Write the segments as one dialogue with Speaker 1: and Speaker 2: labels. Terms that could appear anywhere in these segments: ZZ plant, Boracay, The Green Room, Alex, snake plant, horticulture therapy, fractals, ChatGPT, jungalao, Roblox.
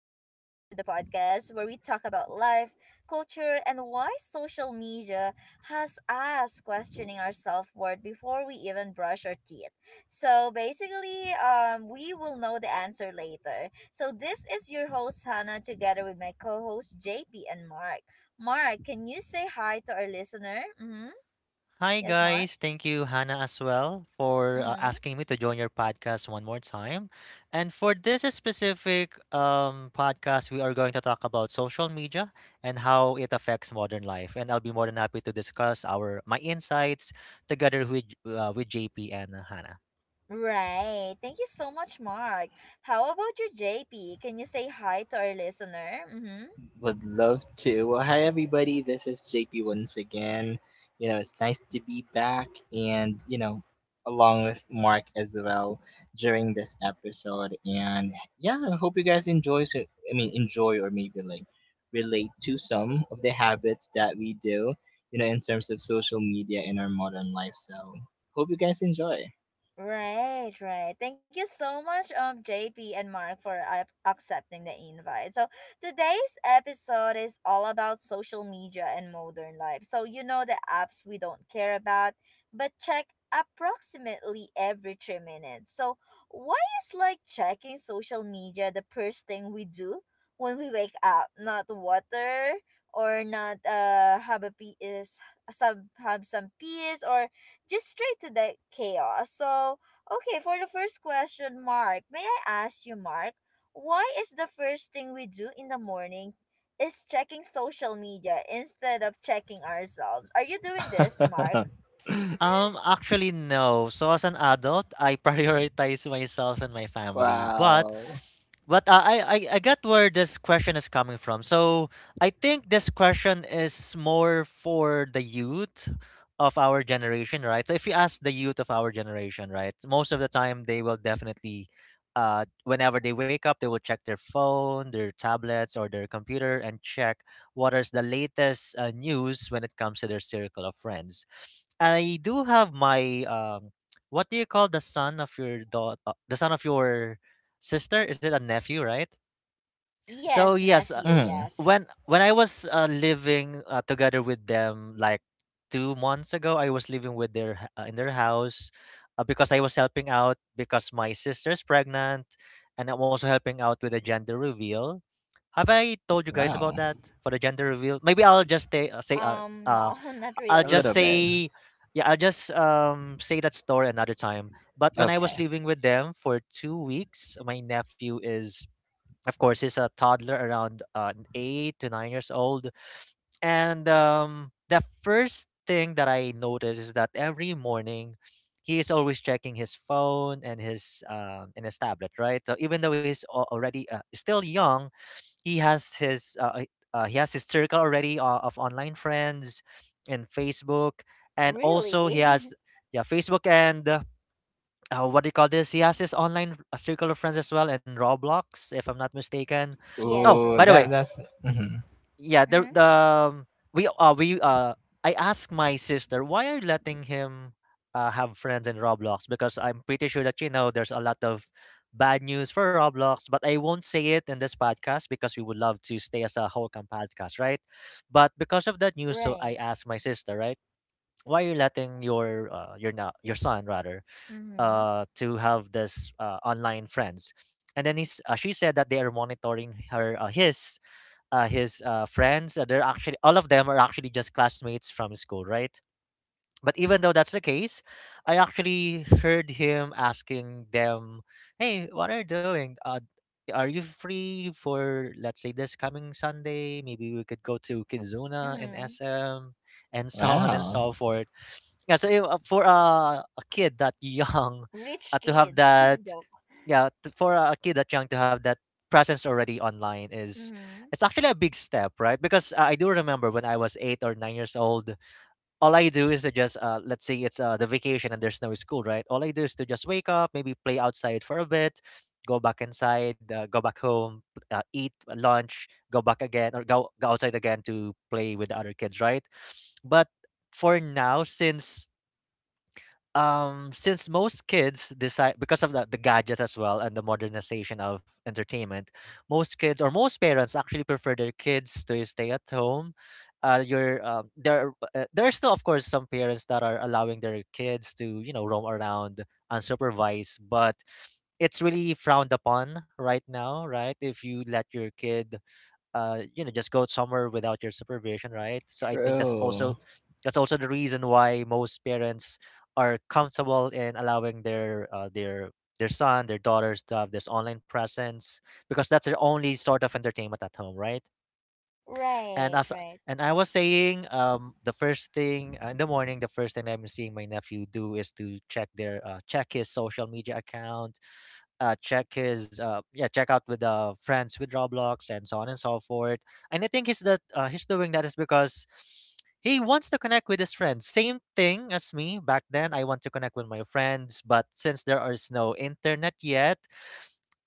Speaker 1: podcast where we talk about life, culture, and why social media has us questioning our self worth before we even brush our teeth. So basically, we will know the answer later. So this is your host Hannah, together with my co-host JP and Mark. Mark, can you say hi to our listener? Mm-hmm.
Speaker 2: Hi
Speaker 1: Yes, Mark.
Speaker 2: guys, thank you Hannah as well for
Speaker 1: Mm-hmm.
Speaker 2: asking me to join your podcast one more time. And for this specific podcast, we are going to talk about social media and how it affects modern life. And I'll be more than happy to discuss our my insights together with with JP and Hannah.
Speaker 1: Right. Thank you so much, Mark. How about you, JP? Can you say hi to our listener? Mm-hmm.
Speaker 3: Would love to. Well, hi everybody. This is JP once again. You know, it's nice to be back and, you know, along with Mark as well during this episode. And yeah, I hope you guys enjoy enjoy or maybe like relate to some of the habits that we do, you know, in terms of social media in our modern life. So, hope you guys enjoy.
Speaker 1: Right, right. Thank you so much, JP and Mark, for accepting the invite. So today's episode is all about social media and modern life. So you know the apps we don't care about, but check approximately every 3 minutes. So why is like checking social media the first thing we do when we wake up? Not water or not have a is some have some peace or just straight to the chaos. So, okay, for the first question, Mark, may I ask you, Mark, why is the first thing we do in the morning is checking social media instead of checking ourselves? Are you doing this, Mark?
Speaker 2: Actually, no. So as an adult, I prioritize myself and my family. But
Speaker 3: Wow.
Speaker 2: but uh, I, I I get where this question is coming from. So I think this question is more for the youth of our generation, right? So if you ask the youth of our generation, right, most of the time they will definitely whenever they wake up, they will check their phone, their tablets, or their computer and check what is the latest news when it comes to their circle of friends. I do have my what do you call the son of your daughter, the son of your sister? Is it a nephew, right? So
Speaker 1: Yes,
Speaker 2: yes, uh,
Speaker 1: nephew,
Speaker 3: Mm,
Speaker 1: yes.
Speaker 2: when when I was living together with them, like 2 months ago, I was living with in their house because I was helping out because my sister's pregnant, and I'm also helping out with the gender reveal. Have I told you guys about
Speaker 3: wow.
Speaker 2: that for the gender reveal? Maybe I'll just
Speaker 1: No,
Speaker 2: uh
Speaker 1: not
Speaker 3: A
Speaker 1: really.
Speaker 3: little
Speaker 1: Hmm.
Speaker 3: bit.
Speaker 2: say, yeah, I'll just say that story another time. But when I was
Speaker 3: Okay.
Speaker 2: living with them for 2 weeks, my nephew is, of course, he's a toddler around 8 to 9 years old, and the first thing that I noticed is that every morning he is always checking his phone and his tablet, right? So even though he's al- already still young, he has his uh, uh, he has his circle already of online friends in Facebook, and also he
Speaker 1: Really?
Speaker 2: has, yeah, Facebook and what do you call this? He has his online circle of friends as well in Roblox, if I'm not mistaken.
Speaker 1: Yes,
Speaker 2: Oh,
Speaker 3: Ooh,
Speaker 2: by the way,
Speaker 3: that
Speaker 1: Roblox.
Speaker 3: that's mhm.
Speaker 2: yeah
Speaker 1: Mm-hmm.
Speaker 2: the we I asked my sister, why are you letting him have friends in Roblox? Because I'm pretty sure that, you know, there's a lot of bad news for Roblox, but I won't say it in this podcast because we would love to stay as a whole camp podcast, right? But because of that news, so I
Speaker 1: Right.
Speaker 2: asked my sister, right, why are you letting your your son, rather,
Speaker 1: Mm-hmm.
Speaker 2: to have this online friends? And then she said that they are monitoring her his friends. They're actually, all of them are actually just classmates from school, right? But even though that's the case, I actually heard him asking them, "Hey, what are you doing? Are you free for, let's say, this coming Sunday? Maybe we could go to Kizuna and
Speaker 1: Mm-hmm.
Speaker 2: SM and so on and
Speaker 3: Wow.
Speaker 2: so forth." Yeah, so if, for a kid that young,
Speaker 1: Rich
Speaker 2: to have
Speaker 1: kids.
Speaker 2: that,
Speaker 1: Joke.
Speaker 2: yeah, t for a kid that young to have that presence already online is,
Speaker 1: Mm-hmm.
Speaker 2: it's actually a big step, right? Because I do remember when I was 8 or 9 years old, all I do is to just let's say it's the vacation and there's no school, right? All I do is to just wake up, maybe play outside for a bit, go back inside, go back home, eat lunch, go back again, or go outside again to play with the other kids, right? But for now, since most kids decide because of the gadgets as well and the modernization of entertainment, most kids or most parents actually prefer their kids to stay at home. You're there There are still, of course, some parents that are allowing their kids to, you know, roam around unsupervised, but it's really frowned upon right now, right? If you let your kid, you know, just go somewhere without your supervision, right? So I think
Speaker 3: True.
Speaker 2: that's also the reason why most parents are comfortable in allowing their their son, their daughters to have this online presence, because that's their only sort of entertainment at home, right? And
Speaker 1: Right,
Speaker 2: as
Speaker 1: right.
Speaker 2: and I was saying, the first thing in the morning, the first thing I'm seeing my nephew do is to check their check his social media account, check his yeah check out with friends with Roblox and so on and so forth. And I think he's doing that is because he wants to connect with his friends, same thing as me back then. I want to connect with my friends, but since there is no internet yet,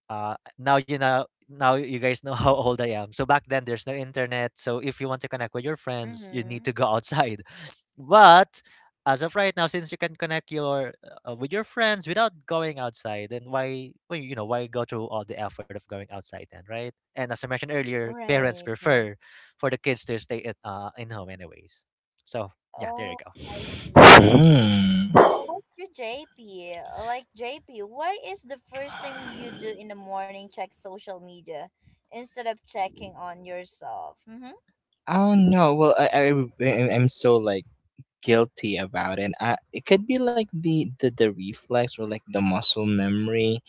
Speaker 2: now you know, now you guys know how old I am. So back then there's no internet, so if you want to connect with your friends, you need
Speaker 1: Mm-hmm.
Speaker 2: to go outside. But as of right now, since you can connect your with your friends without going outside, then why, well, you know, why go through all the effort of going outside then, right? And as I mentioned earlier, parents
Speaker 1: Right, right.
Speaker 2: prefer for the kids to stay in home anyways, so yeah, there you
Speaker 1: Oh,
Speaker 2: go.
Speaker 1: I see it.
Speaker 3: Hmm.
Speaker 1: How about you, JP? Like, JP, why is the first thing you do in the morning check social media instead of checking on yourself? Mm-hmm.
Speaker 3: Not know. Well, I'm so like guilty about it. I, it could be like the reflex or like the muscle memory.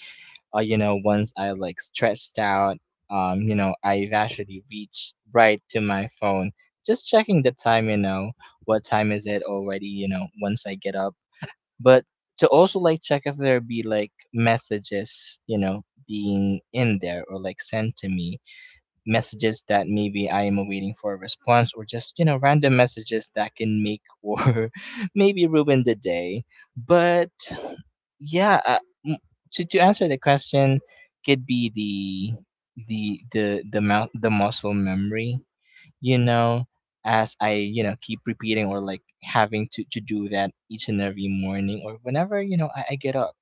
Speaker 3: Or you know, once I like stretched out, you know, I've actually reached right to my phone, just checking the time. You know, what time is it already? You know, once I get up but to also like check if there be like messages, you know, being in there or like sent to me, messages that maybe I am awaiting for a response or just, you know, random messages that can make or maybe ruin the day. But yeah, m- to answer the question, could be the muscle memory, you know, as I, you know, keep repeating or like having to do that each and every morning or whenever, you know, I get up.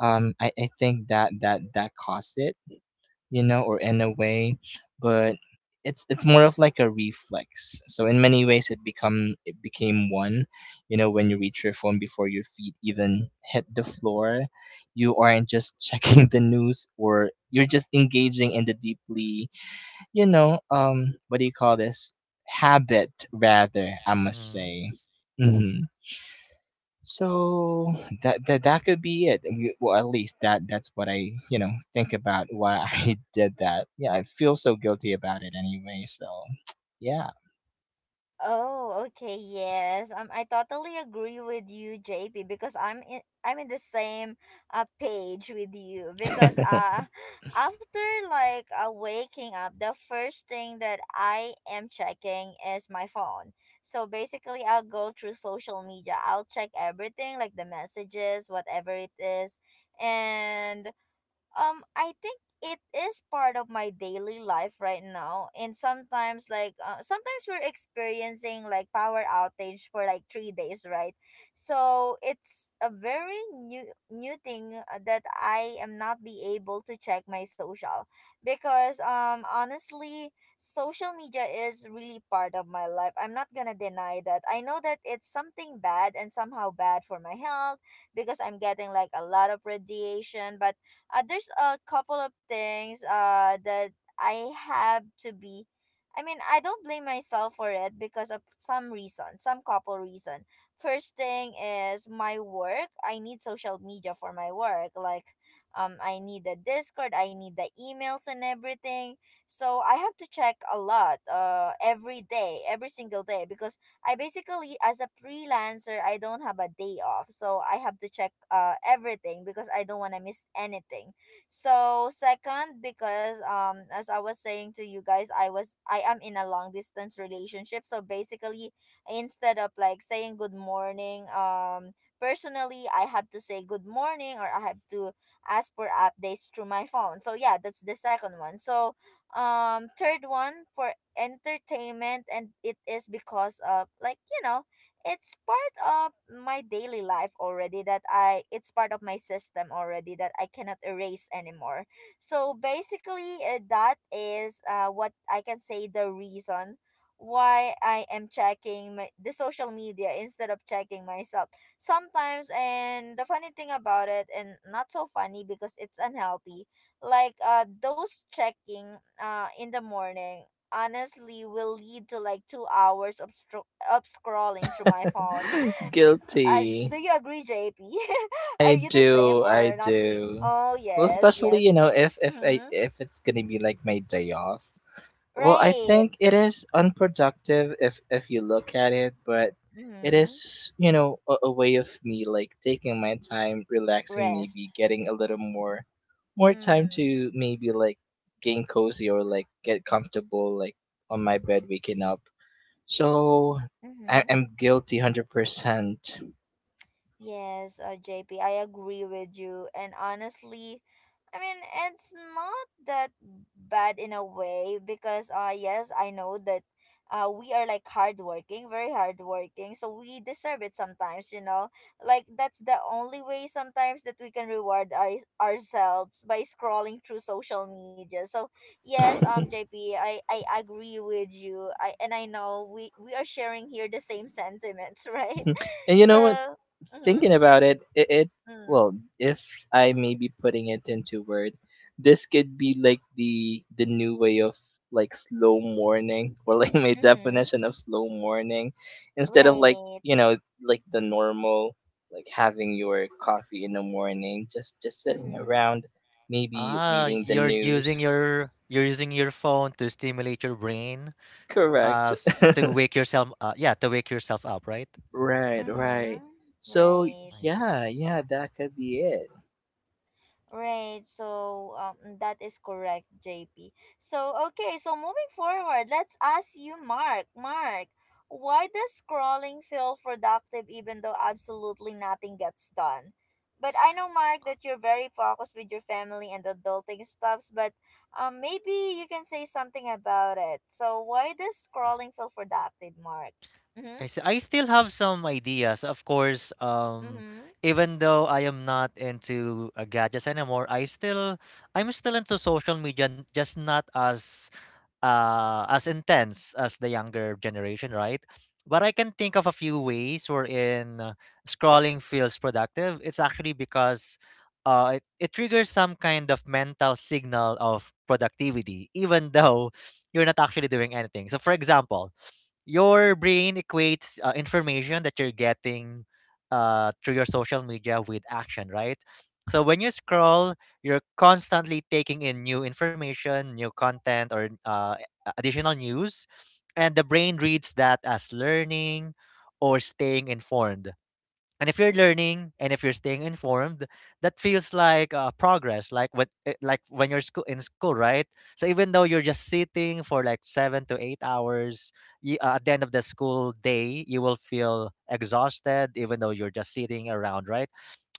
Speaker 3: Um, I think that that costs it, you know, or in a way. But it's more of like a reflex, so in many ways it become it became one. You know, when you reach your phone before your feet even hit the floor, you aren't just checking the news or you're just engaging in the deeply, you know, what do you call this? Habit, rather, I must
Speaker 2: Mhm.
Speaker 3: say. Hmm. So that could be it. Well, at least that's what I, you know, think about why I did that. Yeah, I feel so guilty about it anyway. So yeah,
Speaker 1: Oh, okay, yes. I totally agree with you, JP, because I'm in the same page with you because after like waking up, the first thing that I am checking is my phone. So basically, I'll go through social media. I'll check everything like the messages, whatever it is, and I think it is part of my daily life right now, and sometimes like sometimes we're experiencing like power outage for like 3 days, right? So it's a very new thing that I am not be able to check my social because honestly, social media is really part of my life. I'm not gonna deny that. I know that it's something bad and somehow bad for my health because I'm getting like a lot of radiation, but there's a couple of things that I have to be I mean, I don't blame myself for it because of some reason, some couple reason. First thing is my work. I need social media for my work. Like I need the Discord, I need the emails and everything. So I have to check a lot every day, every single day, because I basically as a freelancer, I don't have a day off. So I have to check everything because I don't want to miss anything. So second, because as I was saying to you guys, I am in a long distance relationship. So basically, instead of like saying good morning, personally I have to say good morning, or I have to ask for updates through my phone. So yeah, that's the second one. So third one for entertainment, and it is because of like you know it's part of my daily life already that I it's part of my system already that I cannot erase anymore. So basically, that is what I can say the reason why I am checking the social media instead of checking myself sometimes. And the funny thing about it, and not so funny because it's unhealthy, like those checking in the morning honestly will lead to like 2 hours of, of scrolling through my phone. Uh, do
Speaker 3: guilty.
Speaker 1: you agree, JP? Are
Speaker 3: I
Speaker 1: you the same
Speaker 3: do, I
Speaker 1: or not really?
Speaker 3: do.
Speaker 1: Oh,
Speaker 3: Well,
Speaker 1: yes,
Speaker 3: especially, you
Speaker 1: yes.
Speaker 3: know, if I
Speaker 1: Mm-hmm.
Speaker 3: if it's gonna be like my day off. Well, I
Speaker 1: Right.
Speaker 3: think it is unproductive if you look at it, but it
Speaker 1: Mm-hmm.
Speaker 3: is, you know, a way of me like taking my time, relaxing, maybe
Speaker 1: Rest.
Speaker 3: getting a little more more time
Speaker 1: Mm-hmm.
Speaker 3: to maybe like gain cozy or like get comfortable like on my bed waking up. So I, I'm guilty 100%.
Speaker 1: Yes, JP, I agree with you. And honestly, I mean, it's not that bad in a way because, yes, I know that we are like hardworking, very hardworking. So we deserve it sometimes, you know? Like, that's the only way sometimes that we can reward ourselves by scrolling through social media. So, yes, JP, I agree with you. I And I know we are sharing here the same sentiments, right?
Speaker 3: And you know what?
Speaker 1: So. Mhm.
Speaker 3: Thinking about it, it
Speaker 1: Mm.
Speaker 3: well, if I may be putting it into word, this could be like the new way of like slow morning, or like my
Speaker 1: Mm-hmm.
Speaker 3: definition of slow morning, instead of like,
Speaker 1: Right.
Speaker 3: you know, like the normal like having your coffee in the morning, just sitting
Speaker 1: Mm-hmm.
Speaker 3: around, maybe
Speaker 2: Ah,
Speaker 3: reading the
Speaker 2: you're using
Speaker 3: news.
Speaker 2: your, you're using your phone to stimulate your brain
Speaker 3: Correct.
Speaker 2: to wake yourself up, right?
Speaker 3: Right. Right.
Speaker 1: Mm-hmm.
Speaker 3: So
Speaker 1: Right.
Speaker 2: I see.
Speaker 3: yeah, yeah, that could be it.
Speaker 1: Right. So that is correct, JP. So okay, so moving forward, let's ask you, Mark. Mark, why does scrolling feel productive even though absolutely nothing gets done? But I know, Mark, that you're very focused with your family and adulting stuffs, but maybe you can say something about it. So why does scrolling feel productive, Mark? Mm-hmm.
Speaker 2: I see. I still have some ideas. Of course,
Speaker 1: Mm-hmm.
Speaker 2: even though I am not into gadgets anymore, I still, I'm still into social media, just not as as intense as the younger generation, right? But I can think of a few ways wherein scrolling feels productive. It's actually because it triggers some kind of mental signal of productivity, even though you're not actually doing anything. So, for example, your brain equates information that you're getting through your social media with action, right? So when you scroll, you're constantly taking in new information, new content, or additional news, and the brain reads that as learning or staying informed. And if you're learning and if you're staying informed, that feels like progress, like when you're school, right? So even though you're just sitting for like 7 to 8 hours, y at the end of the school day, you will feel exhausted even though you're just sitting around, right?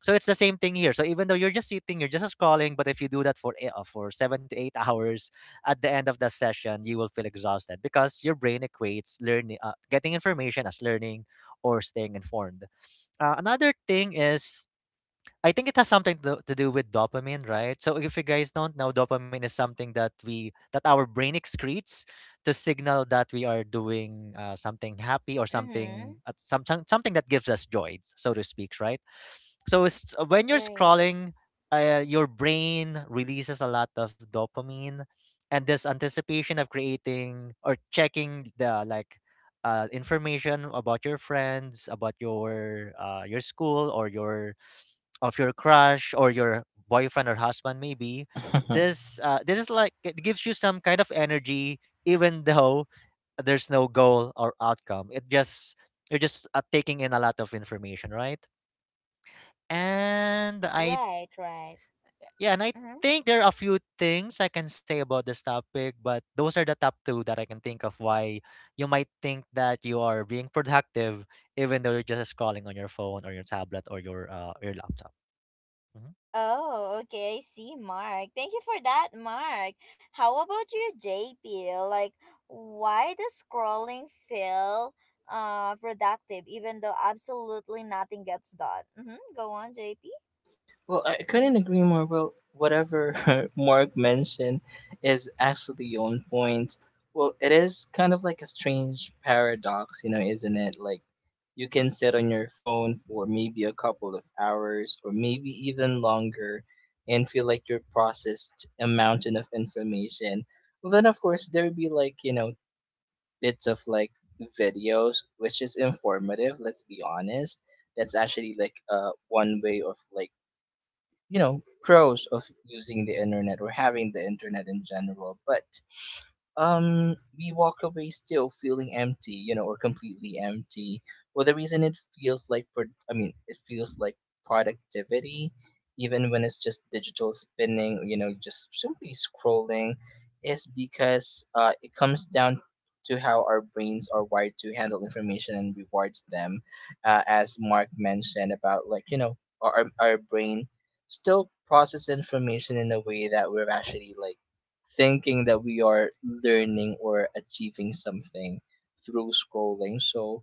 Speaker 2: So it's the same thing here. So even though you're just sitting, you're just scrolling, but if you do that for for seven to eight hours, at the end of the session you will feel exhausted because your brain equates learning getting information as learning or staying informed. Another thing is, I think it has something to do with dopamine, right? So if you guys don't know, dopamine is something that we that our brain excretes to signal that we are doing something happy or
Speaker 1: Mm-hmm.
Speaker 2: something that gives us joy, so to speak, right? So it's, when you're
Speaker 1: Right.
Speaker 2: scrolling, your brain releases a lot of dopamine, and this anticipation of creating or checking the like information about your friends, about your school or your of your crush or your boyfriend or husband maybe, this this is like it gives you some kind of energy, even though there's no goal or outcome, it just, you're just taking in a lot of information, right? and i
Speaker 1: Right, right.
Speaker 2: yeah and i
Speaker 1: Mm-hmm.
Speaker 2: think there are a few things I can say about this topic, but those are the top two that I can think of why you might think that you are being productive even though you're just scrolling on your phone or your tablet or your laptop. Hmm.
Speaker 1: Oh, okay. I see, Mark. Thank you for that, Mark. How about you, JP? Like, why does scrolling feel productive even though absolutely nothing gets done? Mm-hmm. Go on, JP.
Speaker 3: Well, I couldn't
Speaker 1: Mm-hmm.
Speaker 3: agree more. Well, whatever Mark mentioned is actually on point. Well, it is kind of like a strange paradox, you know, isn't it? Like, you can sit on your phone for maybe a couple of hours or maybe even longer and feel like you're processed a mountain of information. Well, then, of course, there'd be like, you know, bits of like videos, which is informative, let's be honest. That's actually like one way of like, you know, pros of using the internet or having the internet in general, but um, we walk away still feeling empty, you know, or completely empty. Well, the reason it feels like it feels like productivity even when it's just digital spinning, you know, just simply scrolling, is because it comes down to how our brains are wired to handle information and rewards them. As Mark mentioned about like, you know, our, our our brain still process information in a way that we're actually like thinking that we are learning or achieving something through scrolling. So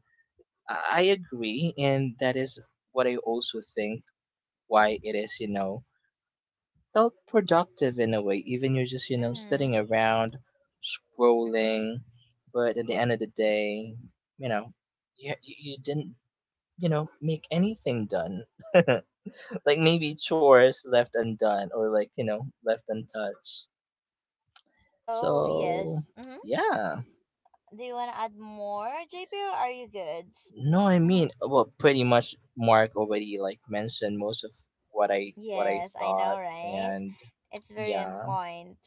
Speaker 3: I agree, and that is what I also think why it is, you know, felt productive in a way. Even you're just, you know, sitting
Speaker 1: Mm-hmm.
Speaker 3: around
Speaker 1: Mm-hmm.
Speaker 3: scrolling, but at the end of the day, you know, you didn't, you know, make anything done. Like maybe chores left undone or like, you know, left untouched.
Speaker 1: Oh,
Speaker 3: So,
Speaker 1: yes. Mm-hmm.
Speaker 3: yeah.
Speaker 1: Do you want to add more, JP, or are you good?
Speaker 3: No, I mean, well, pretty much Mark already like mentioned most of what I
Speaker 1: Yes, I
Speaker 3: thought,
Speaker 1: know, right?
Speaker 3: and
Speaker 1: It's very on
Speaker 3: yeah,
Speaker 1: point.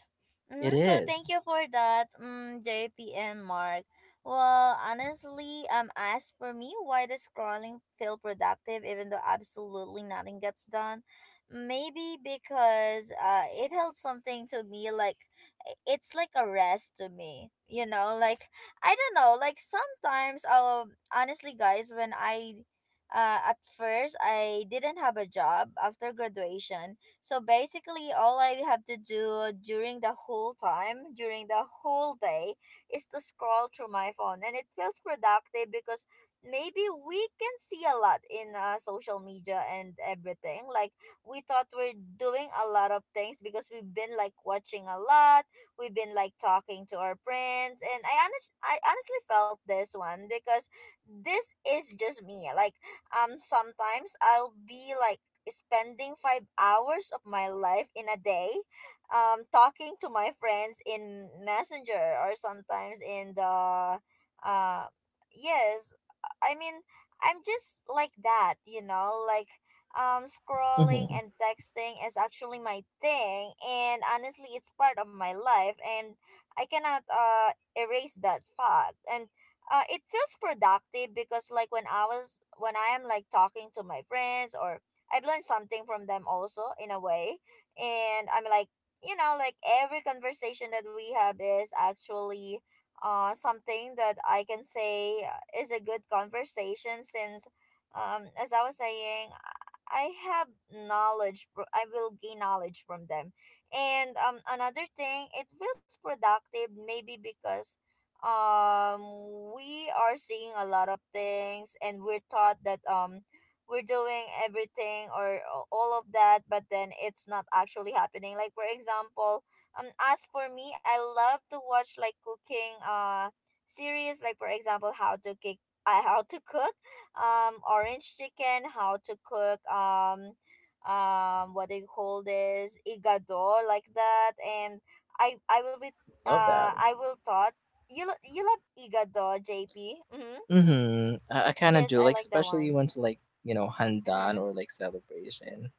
Speaker 3: it
Speaker 1: Mm, so
Speaker 3: is.
Speaker 1: thank you for that, mm, JP and Mark. Well, honestly, as for me, why does scrolling feel productive even though absolutely nothing gets done? Maybe because it held something to me, like it's like a rest to me. You know, like I don't know, like sometimes, honestly, guys, when I at first, I didn't have a job after graduation. So basically, all I have to do during the whole time, during the whole day, is to scroll through my phone. And it feels productive because maybe we can see a lot in social media and everything. Like, we thought we're doing a lot of things because we've been like watching a lot, we've been like talking to our friends. And I honestly felt this one because this is just me. Like, sometimes I'll be like spending 5 hours of my life in a day talking to my friends in Messenger, or sometimes in the uh yes, I mean, I'm just like that, you know, like scrolling
Speaker 3: Mm-hmm.
Speaker 1: and texting is actually my thing, and honestly it's part of my life, and I cannot erase that fact. And it feels productive because like when I am like talking to my friends, or I've learned something from them also in a way, and I'm like, you know, like every conversation that we have is actually something that I can say is a good conversation since as I was saying, I have I will gain knowledge from them. And another thing it feels productive maybe because we are seeing a lot of things, and we're taught that we're doing everything or all of that, but then it's not actually happening. Like for example, um as for me, I love to watch like cooking series, like for example, how to cook uh, how to cook orange chicken, how to cook um what do you call this, igado, like that. And i i will be
Speaker 3: Love that.
Speaker 1: I will thought you you love Igado, JP. Mm-hmm.
Speaker 3: Mm-hmm. I kind of
Speaker 1: Yes,
Speaker 3: do
Speaker 1: I
Speaker 3: like,
Speaker 1: like that
Speaker 3: especially
Speaker 1: one.
Speaker 3: when to like, you know, handan
Speaker 1: Mm-hmm.
Speaker 3: or like celebration.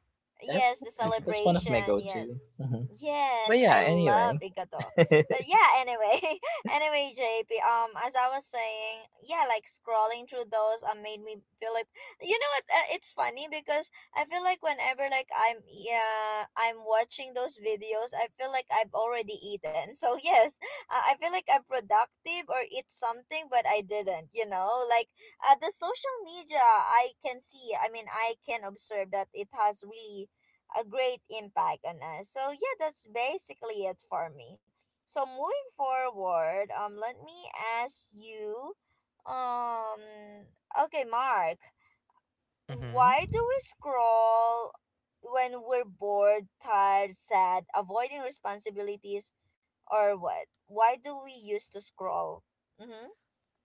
Speaker 3: That
Speaker 1: Yes, the
Speaker 3: that's
Speaker 2: Okay.
Speaker 3: that's one of my
Speaker 1: celebration.
Speaker 3: go
Speaker 1: Yes.
Speaker 3: to. Mm-hmm. But
Speaker 1: Yes,
Speaker 3: yeah,
Speaker 1: I
Speaker 3: anyway.
Speaker 1: love Igato. But yeah, anyway, anyway, JP, as I was saying, yeah, like scrolling through those made me feel like, you know what, it's funny because I feel like whenever like yeah, I'm watching those videos, I feel like I've already eaten. So yes, I feel like I'm productive or eat something, but I didn't, you know, like the social media, I mean, I can observe that it has really a great impact on us. So yeah, that's basically it for me. So moving forward, let me ask you, um, okay, Mark,
Speaker 2: Mm-hmm.
Speaker 1: why do we scroll when we're bored, tired, sad, avoiding responsibilities, or what? Why do we used to scroll? Mhm,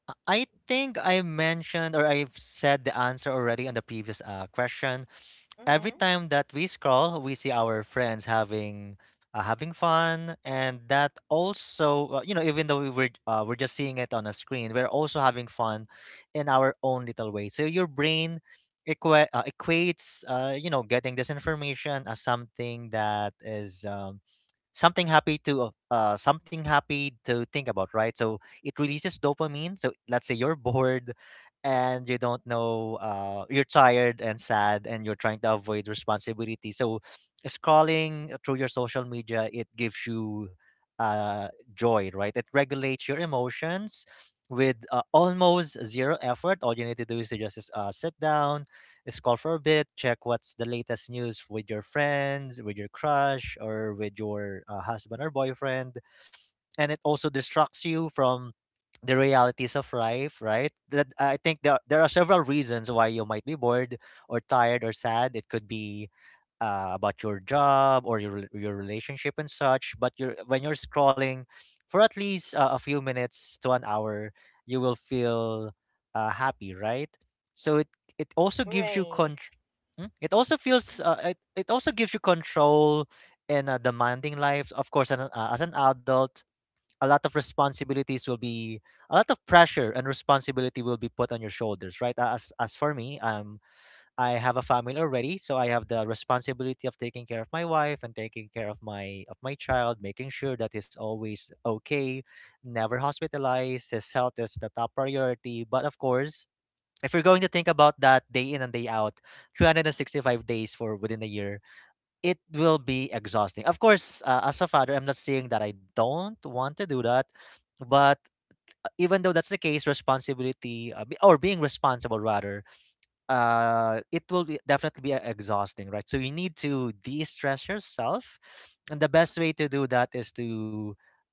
Speaker 2: I think I mentioned, or I've said the answer already on the previous question. Every
Speaker 1: mhm.
Speaker 2: time that we scroll, we see our friends having having fun, and that also, you know, even though we're just seeing it on a screen, we're also having fun in our own little way. So your brain equates, you know, getting this information as something that is. Something happy to something happy to think about, right? So it releases dopamine. So let's say you're bored and you don't know, you're tired and sad and you're trying to avoid responsibility. So scrolling through your social media, it gives you uh joy, right? It regulates your emotions with almost zero effort. All you need to do is to just sit down, scroll for a bit, check what's the latest news with your friends, with your crush, or with your husband or boyfriend. And it also distracts you from the realities of life, right? That I think there are several reasons why you might be bored or tired or sad. It could be about your job or your your relationship and such. But you're when you're scrolling for at least a few minutes to an hour, you will feel happy, right? So it also gives you
Speaker 1: Right.
Speaker 2: control. It also feels
Speaker 1: Mhm.
Speaker 2: it also gives you control in a demanding life. Of course, as an adult, a lot of responsibilities will be a lot of pressure and responsibility will be put on your shoulders, right? As for me, I have a family already, so I have the responsibility of taking care of my wife and taking care of my child, making sure that he's always okay, never hospitalized, his health is the top priority. But of course, if you're going to think about that day in and day out, 365 days for within a year, it will be exhausting. Of course, as a father, I'm not saying that I don't want to do that, but even though that's the case, responsibility or being responsible rather, it will be definitely be exhausting, right? So you need to de-stress yourself, and the best way to do that is to,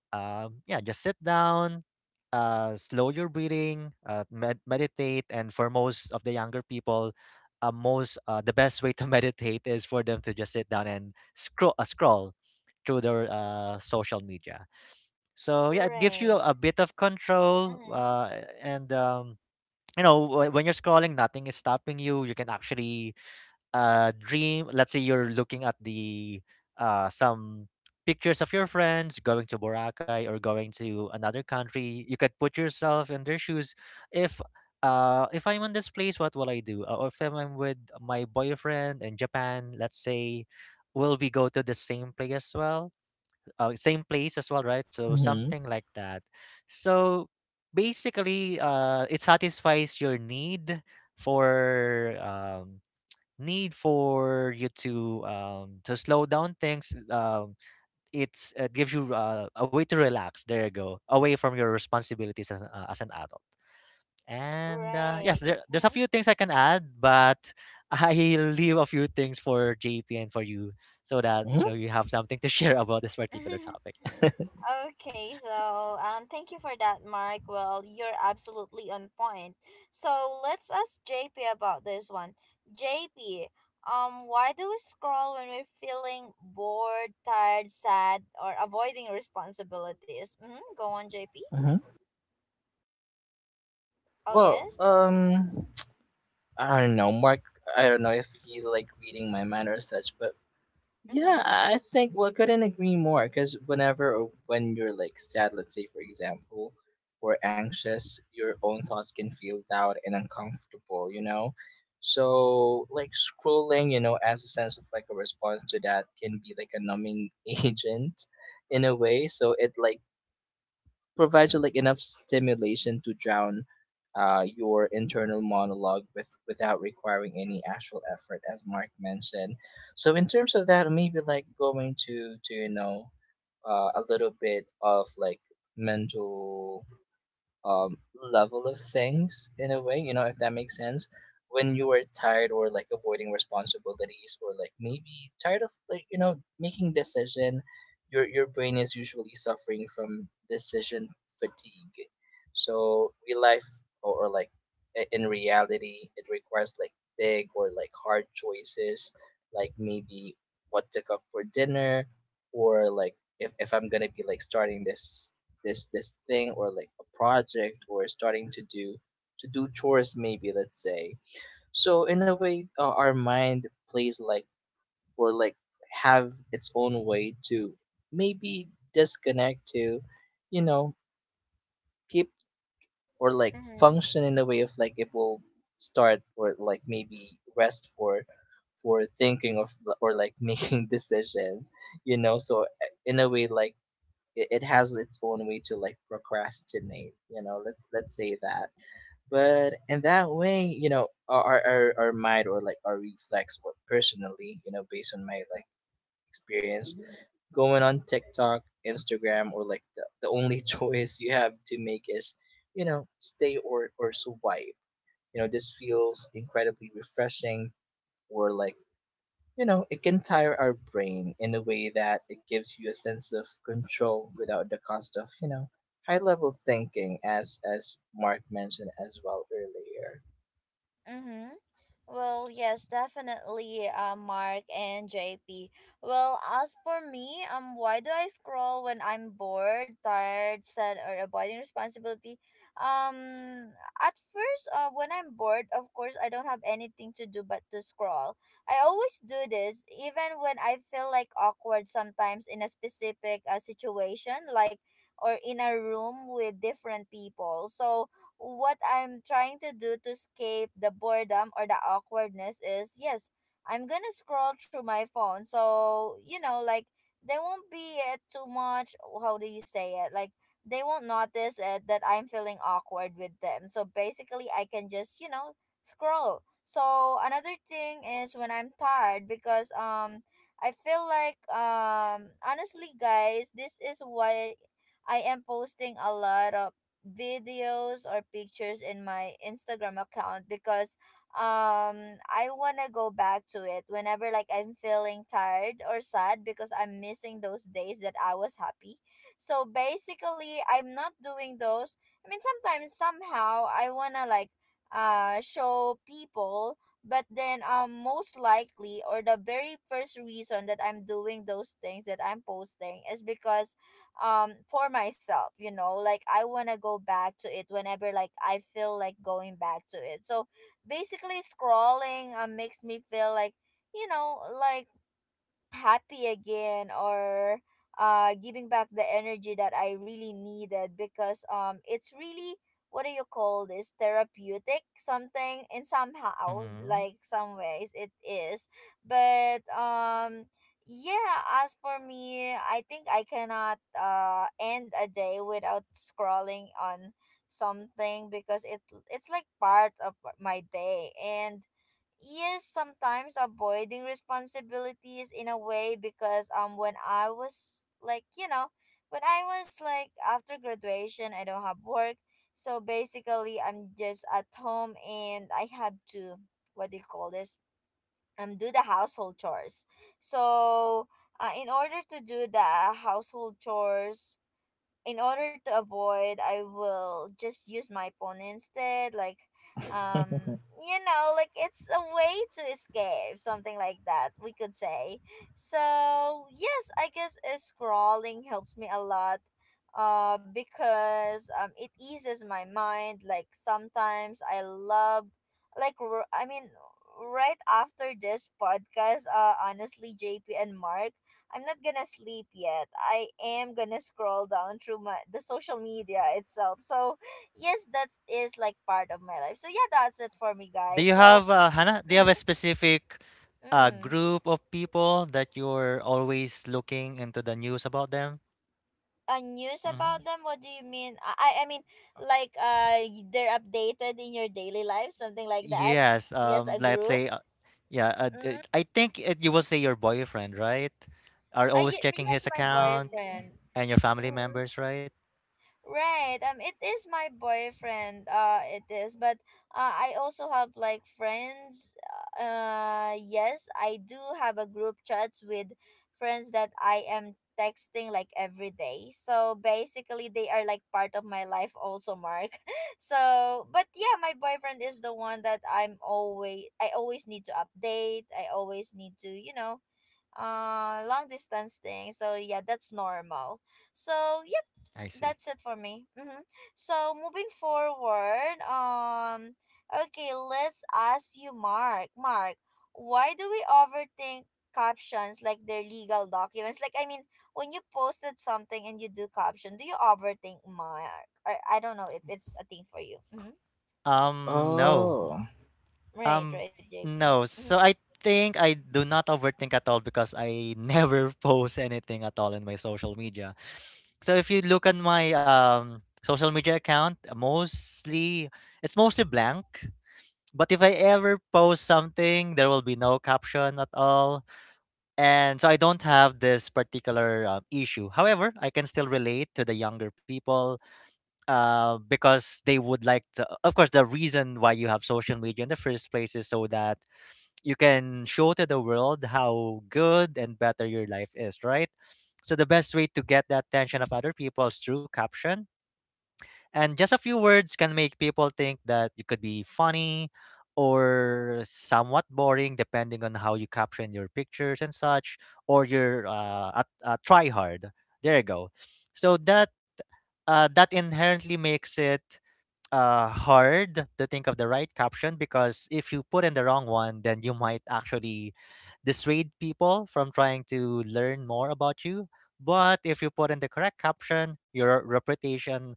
Speaker 2: yeah, just sit down, slow your breathing, meditate, and for most of the younger people, most the best way to meditate is for them to just sit down and scroll through their social media. So yeah, it gives you
Speaker 1: Right.
Speaker 2: a bit of control,
Speaker 1: Mhm.
Speaker 2: and you know when you're scrolling, nothing is stopping you. You can actually dream. Let's say you're looking at the some pictures of your friends going to Boracay or going to another country. You could put yourself in their shoes. If if I'm in this place, what will I do? Or if I'm with my boyfriend in Japan, let's say, will we go to the same place as well same place as well, right? So
Speaker 3: Mm-hmm.
Speaker 2: something like that. So basically, it satisfies your need for um, need for you to slow down things. It's it gives you a way to relax. There you go, away from your responsibilities as an adult. And yes,
Speaker 1: Right.
Speaker 2: there's a
Speaker 1: Mm-hmm.
Speaker 2: few things I can add, but I leave a few things for JP and for you, so that you know you have something to share about this particular topic.
Speaker 1: Okay, so thank you for that, Mark. Well, you're absolutely on point. So let's ask JP about this one. JP, why do we scroll when we're feeling bored, tired, sad, or avoiding responsibilities? Mm-hmm. Go on, JP.
Speaker 3: Hmm.
Speaker 1: Oh
Speaker 3: Well,
Speaker 1: yes.
Speaker 3: I don't know, Mark. I don't know if he's like reading my mind or such, but yeah,
Speaker 1: Mm-hmm.
Speaker 3: I think, well, couldn't agree more. Because whenever or when you're like sad, let's say for example, or anxious, your own thoughts can feel loud and uncomfortable. You know, so like scrolling, you know, as a sense of like a response to that can be like a numbing agent, in a way. So it like provides you like enough stimulation to drown your internal monologue with without requiring any actual effort, as Mark mentioned. So in terms of that, maybe like going to, you know, a little bit of like mental um, level of things in a way, you know, if that makes sense. When you are tired or like avoiding responsibilities or like maybe tired of like, you know, making decision, your brain is usually suffering from decision fatigue. So real life or in reality, it requires like big or like hard choices, like maybe what to cook for dinner, or like if, I'm gonna be like starting this this thing or like a project or starting to do chores, maybe let's say. So in a way, our mind plays like or like have its own way to maybe disconnect to, you know, keep or like
Speaker 1: Mm-hmm.
Speaker 3: function in the way of like it will start or like maybe rest for thinking of or like making decision. You know, so in a way, like it has its own way to like procrastinate, you know, let's say that. But in that way, you know, our our mind or like our reflex, or personally, you know, based on my like experience going on TikTok, Instagram, or like the only choice you have to make is, you know, stay or swipe. You know, this feels incredibly refreshing, or like, you know, it can tire our brain in a way that it gives you a sense of control without the cost of, you know, high level thinking as Mark mentioned as well earlier.
Speaker 1: Mm-hmm. Well, yes, definitely, Mark and JP. Well, as for me, why do I scroll when I'm bored, tired, sad, or avoiding responsibility? At first, when I'm bored, of course, I don't have anything to do but to scroll. I always do this, even when I feel like awkward sometimes in a specific situation, like or in a room with different people. So, what I'm trying to do to escape the boredom or the awkwardness is, yes, I'm gonna scroll through my phone. So, you know, like there won't be it too much how do you say it? Like They won't notice it that I'm feeling awkward with them. So basically I can just, you know, scroll. So another thing is when I'm tired because I feel like honestly guys, this is why I am posting a lot of videos or pictures in my Instagram account because I want to go back to it whenever like I'm feeling tired or sad because I'm missing those days that I was happy. So basically I'm not doing those. I mean sometimes somehow I want to like show people, but then most likely or the very first reason that I'm doing those things that I'm posting is because for myself, you know, like I want to go back to it whenever like I feel like going back to it. So basically scrolling makes me feel like, you know, like happy again or giving back the energy that I really needed because it's really, what do you call this, therapeutic something in somehow,
Speaker 2: Hmm.
Speaker 1: like some ways it is. But yeah, as for me, I think I cannot end a day without scrolling on something because it's like part of my day. And yes, sometimes avoiding responsibilities in a way because when I was like, you know, when I was like after graduation, I don't have work. So basically I'm just at home and I have to, what do you call this, do the household chores. So in order to do the household chores, in order to avoid, I will just use my phone instead, like you know, like it's a way to escape something like that, we could say. So yes, I guess scrolling helps me a lot because it eases my mind. Like sometimes I love like right after this podcast, honestly JP and Mark, I'm not gonna sleep yet. I am gonna scroll down through my the social media itself. So yes, that is like part of my life. So yeah, that's it for me,
Speaker 2: Do
Speaker 1: guys.
Speaker 2: you
Speaker 1: So
Speaker 2: have Hannah? Do you have a
Speaker 1: mm-hmm,
Speaker 2: specific
Speaker 1: mm.
Speaker 2: group of people that you're always looking into the news about them?
Speaker 1: News
Speaker 2: Hmm.
Speaker 1: about them? What do you mean? I mean like they're updated in your daily life, something like that.
Speaker 2: Yes.
Speaker 1: Yes, a
Speaker 2: Let's
Speaker 1: group.
Speaker 2: say, yeah.
Speaker 1: Mm.
Speaker 2: I think it, you will say your boyfriend, right? Are
Speaker 1: I,
Speaker 2: always checking
Speaker 1: yes,
Speaker 2: his
Speaker 1: my
Speaker 2: account
Speaker 3: Ooh.
Speaker 1: boyfriend.
Speaker 2: and your family
Speaker 1: Mm-hmm.
Speaker 2: members, right?
Speaker 1: Right. It is my boyfriend. It is. But I also have like friends. Yes, I do have a group chats with friends that I am texting like every day. So basically, they are like part of my life also, Mark. So, but yeah, my boyfriend is the one that I'm always. I always need to update. I always need to, you know, long distance thing. So yeah, that's normal. So
Speaker 2: I see.
Speaker 1: that's it for me. Hmm. So moving forward, okay, let's ask you, Mark. Mark, why do we overthink captions like they're legal documents? Like, I mean, when you posted something and you do caption, do you overthink, Mark? I don't know if it's a thing for you. Mm-hmm.
Speaker 2: No.
Speaker 3: Oh,
Speaker 1: Right,
Speaker 2: Um,
Speaker 1: right, JP.
Speaker 2: no.
Speaker 1: Mm-hmm.
Speaker 2: So I think I do not overthink at all because I never post anything at all in my social media. So if you look at my social media account, mostly it's mostly blank. But if I ever post something, there will be no caption at all. And so I don't have this particular issue. However, I can still relate to the younger people because they would like to, of course the reason why you have social media in the first place is so that you can show to the world how good and better your life is, right? So the best way to get the attention of other people is through caption, and just a few words can make people think that you could be funny or somewhat boring depending on how you caption your pictures and such, or your a try hard, there you go. So that that inherently makes it hard to think of the right caption, because if you put in the wrong one, then you might actually dissuade people from trying to learn more about you. But if you put in the correct caption, your reputation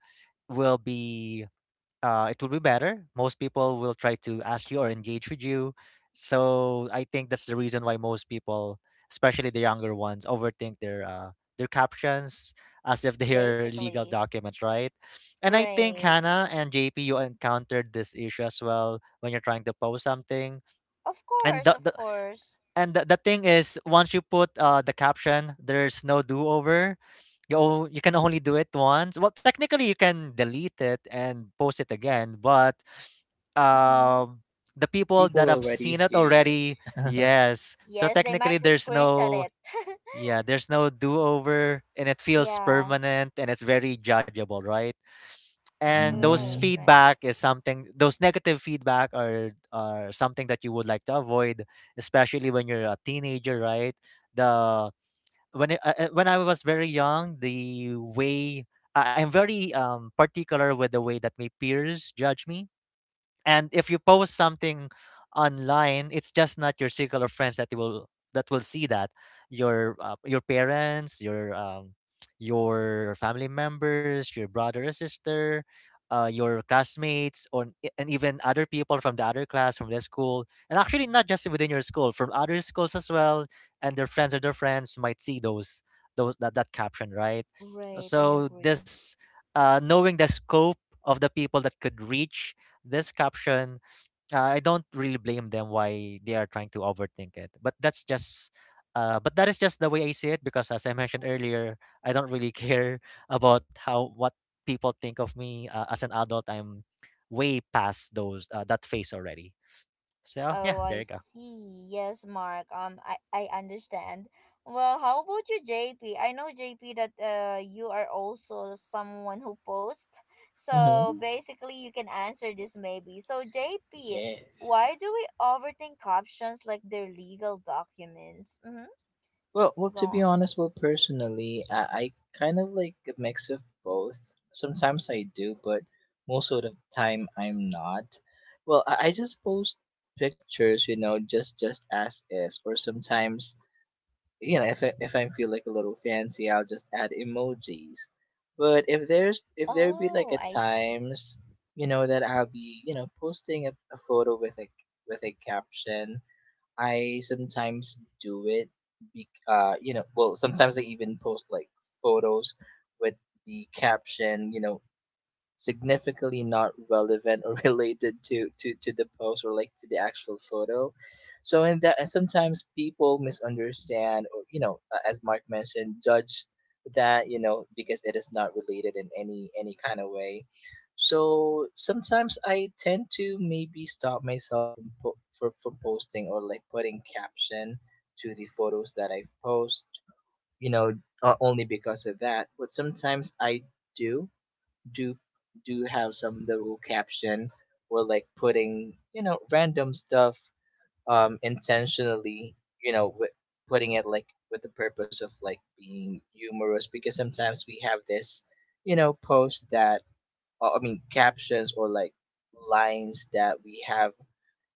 Speaker 2: will be it will be better. Most people will try to ask you or engage with you. So I think that's the reason why most people, especially the younger ones, overthink their captions as if they are legal
Speaker 1: Basically,
Speaker 2: documents, right? And I think
Speaker 1: right.
Speaker 2: Hannah and JP, you encountered this issue as well when you're trying to post something.
Speaker 1: Of
Speaker 2: And
Speaker 1: course,
Speaker 2: the,
Speaker 1: of
Speaker 2: the
Speaker 1: course.
Speaker 2: and the, the thing is, once you put the caption, there's no do over. You you can only do it once. Well, technically, you can delete it and post it again, but
Speaker 1: Mm-hmm.
Speaker 2: um, the people
Speaker 3: people
Speaker 2: that have
Speaker 3: already
Speaker 2: seen it
Speaker 3: see it.
Speaker 2: already, yes. So
Speaker 1: Yes, they
Speaker 2: technically,
Speaker 1: might
Speaker 2: there's
Speaker 1: screenshot
Speaker 2: no
Speaker 1: it.
Speaker 2: yeah, there's no do over, and it feels
Speaker 1: Yeah,
Speaker 2: permanent and it's very judgeable, right? And those
Speaker 1: right,
Speaker 3: Mm-hmm.
Speaker 1: right.
Speaker 2: feedback is something, those negative feedback are something that you would like to avoid, especially when you're a teenager, right? The when when I was very young, the way I'm very particular with the way that my peers judge me. And if you post something online, it's just not your circle of friends that will see that. Your parents, your your family members, your brother or sister, your classmates, and even other people from the other class, from the school, and actually not just within your school, from other schools as well, and their friends or their friends might see those that, that caption, right?
Speaker 1: Right, I
Speaker 2: So
Speaker 1: agree.
Speaker 2: this knowing the scope of the people that could reach this caption, I don't really blame them why they are trying to overthink it, but that's just but that is just the way I see it, because as I mentioned earlier, I don't really care about how what people think of me. As an adult, I'm way past those that phase already. So yeah,
Speaker 1: Oh,
Speaker 2: there
Speaker 1: I
Speaker 2: you go.
Speaker 1: see. Yes, Mark. I understand. Well, how about you, JP? I know, JP, that you are also someone who posts. So basically, you can answer this maybe. So, JP,
Speaker 3: Yes.
Speaker 1: why do we overthink captions like they're legal documents? Mm-hmm.
Speaker 3: Well, well,
Speaker 1: Go
Speaker 3: to be
Speaker 1: on.
Speaker 3: honest, well, personally, I kind of like a mix of both. Sometimes I do, but most of the time I'm not. Well, I just post pictures, you know, just as is. Or sometimes, you know, if I feel like a little fancy, I'll just add emojis. But if there's if there be like
Speaker 1: Oh,
Speaker 3: at
Speaker 1: I see.
Speaker 3: times, you know, that I'll be, you know, posting a photo with a caption, I sometimes do it. Be, you know, well, sometimes I even post like photos with the caption, you know, significantly not relevant or related to to the post or like to the actual photo. So in that, and sometimes people misunderstand or, you know, as Mark mentioned, judge that, you know, because it is not related in any kind of way. So sometimes I tend to maybe stop myself from from posting or like putting caption to the photos that I've post, you know, only because of that. But sometimes I do do do have some little caption or like putting, you know, random stuff, um, intentionally, you know, with putting it like with the purpose of like being humorous, because sometimes we have this, you know, post that, captions or like lines that we have,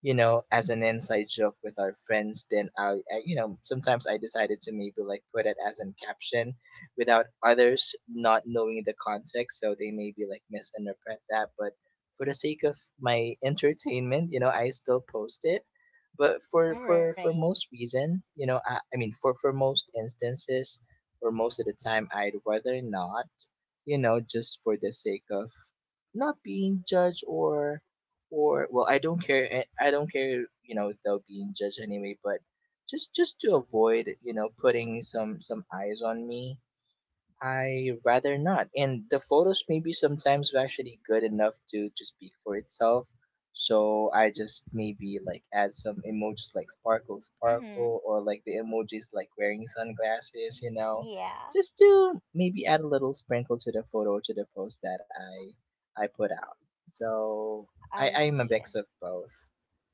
Speaker 3: you know, as an inside joke with our friends, then I, you know, sometimes I decided to maybe like put it as an caption without others not knowing the context, so they maybe like misinterpret that. But for the sake of my entertainment, you know, I still post it. But for for
Speaker 1: Right.
Speaker 3: for most reason, you know, I mean, for most instances or most of the time, I'd rather not, you know, just for the sake of not being judged or well I don't care, I don't care, you know, without being judged anyway. But just to avoid, you know, putting some eyes on me, I rather not. And the photos maybe sometimes were actually good enough to speak for itself. So I just maybe like add some emojis like sparkle
Speaker 1: Mm-hmm.
Speaker 3: sparkle, or like the emojis like wearing sunglasses, you know,
Speaker 1: Yeah,
Speaker 3: just to maybe add a little sprinkle to the photo, to the post that I put out. So I
Speaker 1: I
Speaker 3: I'm a
Speaker 1: see.
Speaker 3: mix of both.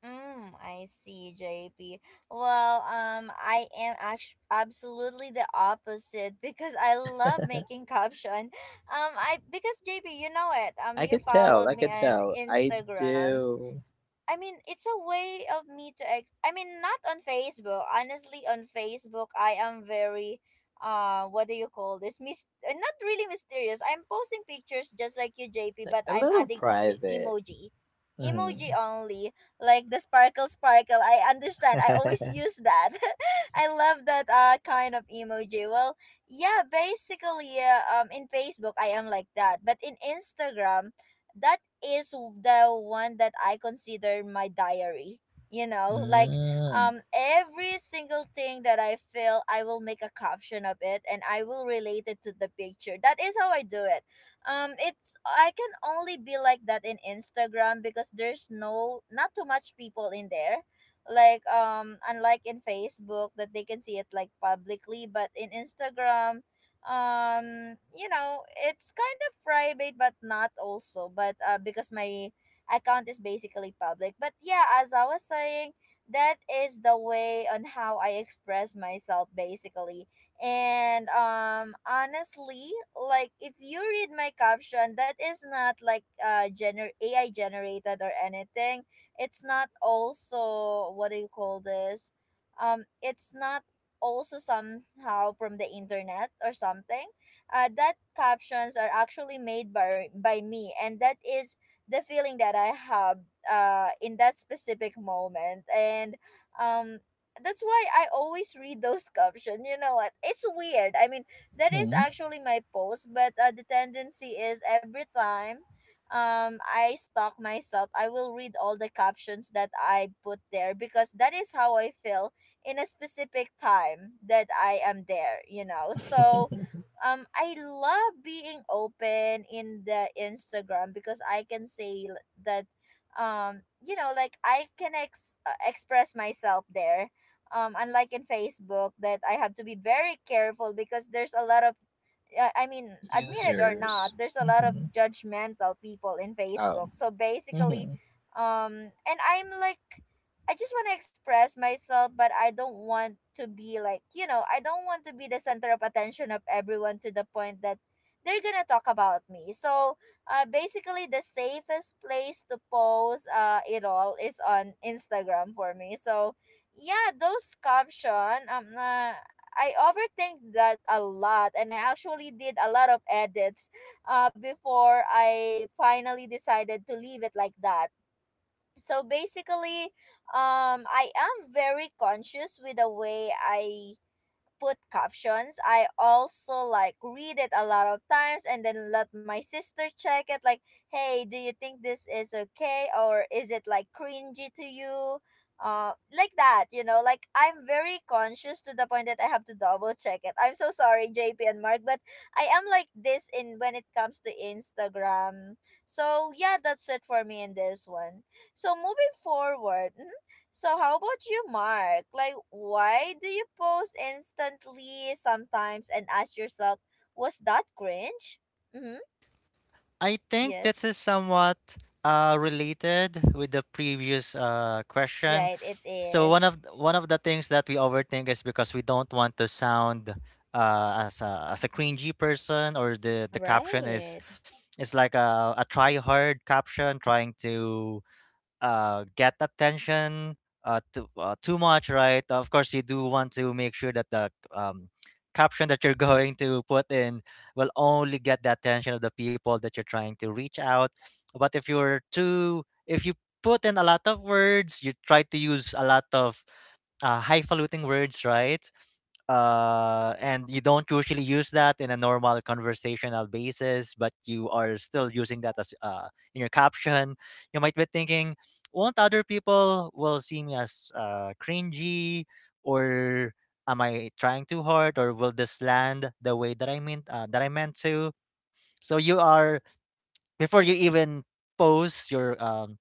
Speaker 1: Mm, I see, JP. Well, I am absolutely the opposite because I love making caption. I, because JP, you know it.
Speaker 3: I
Speaker 1: You
Speaker 3: could tell,
Speaker 1: followed
Speaker 3: I
Speaker 1: me
Speaker 3: could
Speaker 1: on
Speaker 3: tell. I
Speaker 1: Instagram.
Speaker 3: do
Speaker 1: I mean, it's a way of me to I mean, not on Facebook. Honestly, on Facebook, I am very what do you call this? Not really mysterious. I'm posting pictures just like you, JP,
Speaker 3: like
Speaker 1: but
Speaker 3: a
Speaker 1: I'm
Speaker 3: little
Speaker 1: adding only
Speaker 3: private.
Speaker 1: emoji.
Speaker 3: hmm
Speaker 1: Emoji only, like the sparkle sparkle. I understand. I always use that. I love that kind of emoji. Well, yeah, basically, in Facebook I am like that, but in Instagram, that is the one that I consider my diary. You know, like
Speaker 3: Mm.
Speaker 1: every single thing that I feel, I will make a caption of it and I will relate it to the picture. That is how I do it. It's I can only be like that in Instagram because there's no not too much people in there. Like unlike in Facebook that they can see it like publicly, but in Instagram, you know, it's kind of private but not also, but uh, because my account is basically public. But yeah, as I was saying, that is the way on how I express myself basically. And honestly, like if you read my caption, that is not like gener AI generated or anything. It's not also, what do you call this, it's not also somehow from the internet or something. Uh, that captions are actually made by me, and that is the feeling that I have in that specific moment. And um that's why I always read those captions. You know what, it's weird. I mean, that is
Speaker 3: Hmm.
Speaker 1: actually my post, but the tendency is every time I stalk myself, I will read all the captions that I put there because that is how I feel in a specific time that I am there, you know. So I love being open in the Instagram because I can say that you know, like I can express myself there. Um, unlike in Facebook that I have to be very careful because there's a lot of I mean, admit it or
Speaker 3: Users.
Speaker 1: not, there's a lot of
Speaker 3: Mm-hmm.
Speaker 1: judgmental people in Facebook.
Speaker 3: Um.
Speaker 1: So basically,
Speaker 3: Mm-hmm.
Speaker 1: and I'm like, I just want to express myself, but I don't want to be like, you know, I don't want to be the center of attention of everyone to the point that they're gonna talk about me. So, basically, the safest place to post it all is on Instagram for me. So yeah, those caption I overthink that a lot, and I actually did a lot of edits before I finally decided to leave it like that. So basically, I am very conscious with the way I put captions. I also like read it a lot of times and then let my sister check it like, "Hey, do you think this is okay or is it like cringy to you?" Like that, you know, like I'm very conscious to the point that I have to double check it. I'm so sorry, JP and Mark, but I am like this in when it comes to Instagram. So yeah, that's it for me in this one. So moving forward, so how about you, Mark? Like, why do you pause instantly sometimes and ask yourself, was that cringe? Mm-hmm.
Speaker 2: I think this
Speaker 1: Yes.
Speaker 2: is somewhat related with the previous question.
Speaker 1: Right, it
Speaker 2: So one
Speaker 1: is.
Speaker 2: of the things that we overthink is because we don't want to sound as a cringy person, or the caption
Speaker 1: Right.
Speaker 2: is like a try hard caption trying to get attention too much, right? Of course, you do want to make sure that the caption that you're going to put in will only get the attention of the people that you're trying to reach out. But if you're too, if you put in a lot of words, you try to use a lot of highfalutin words, right? And you don't usually use that in a normal conversational basis, but you are still using that as in your caption. You might be thinking, won't other people will see me as cringy, or am I trying too hard, or will this land the way that I meant to? So you are before you even post your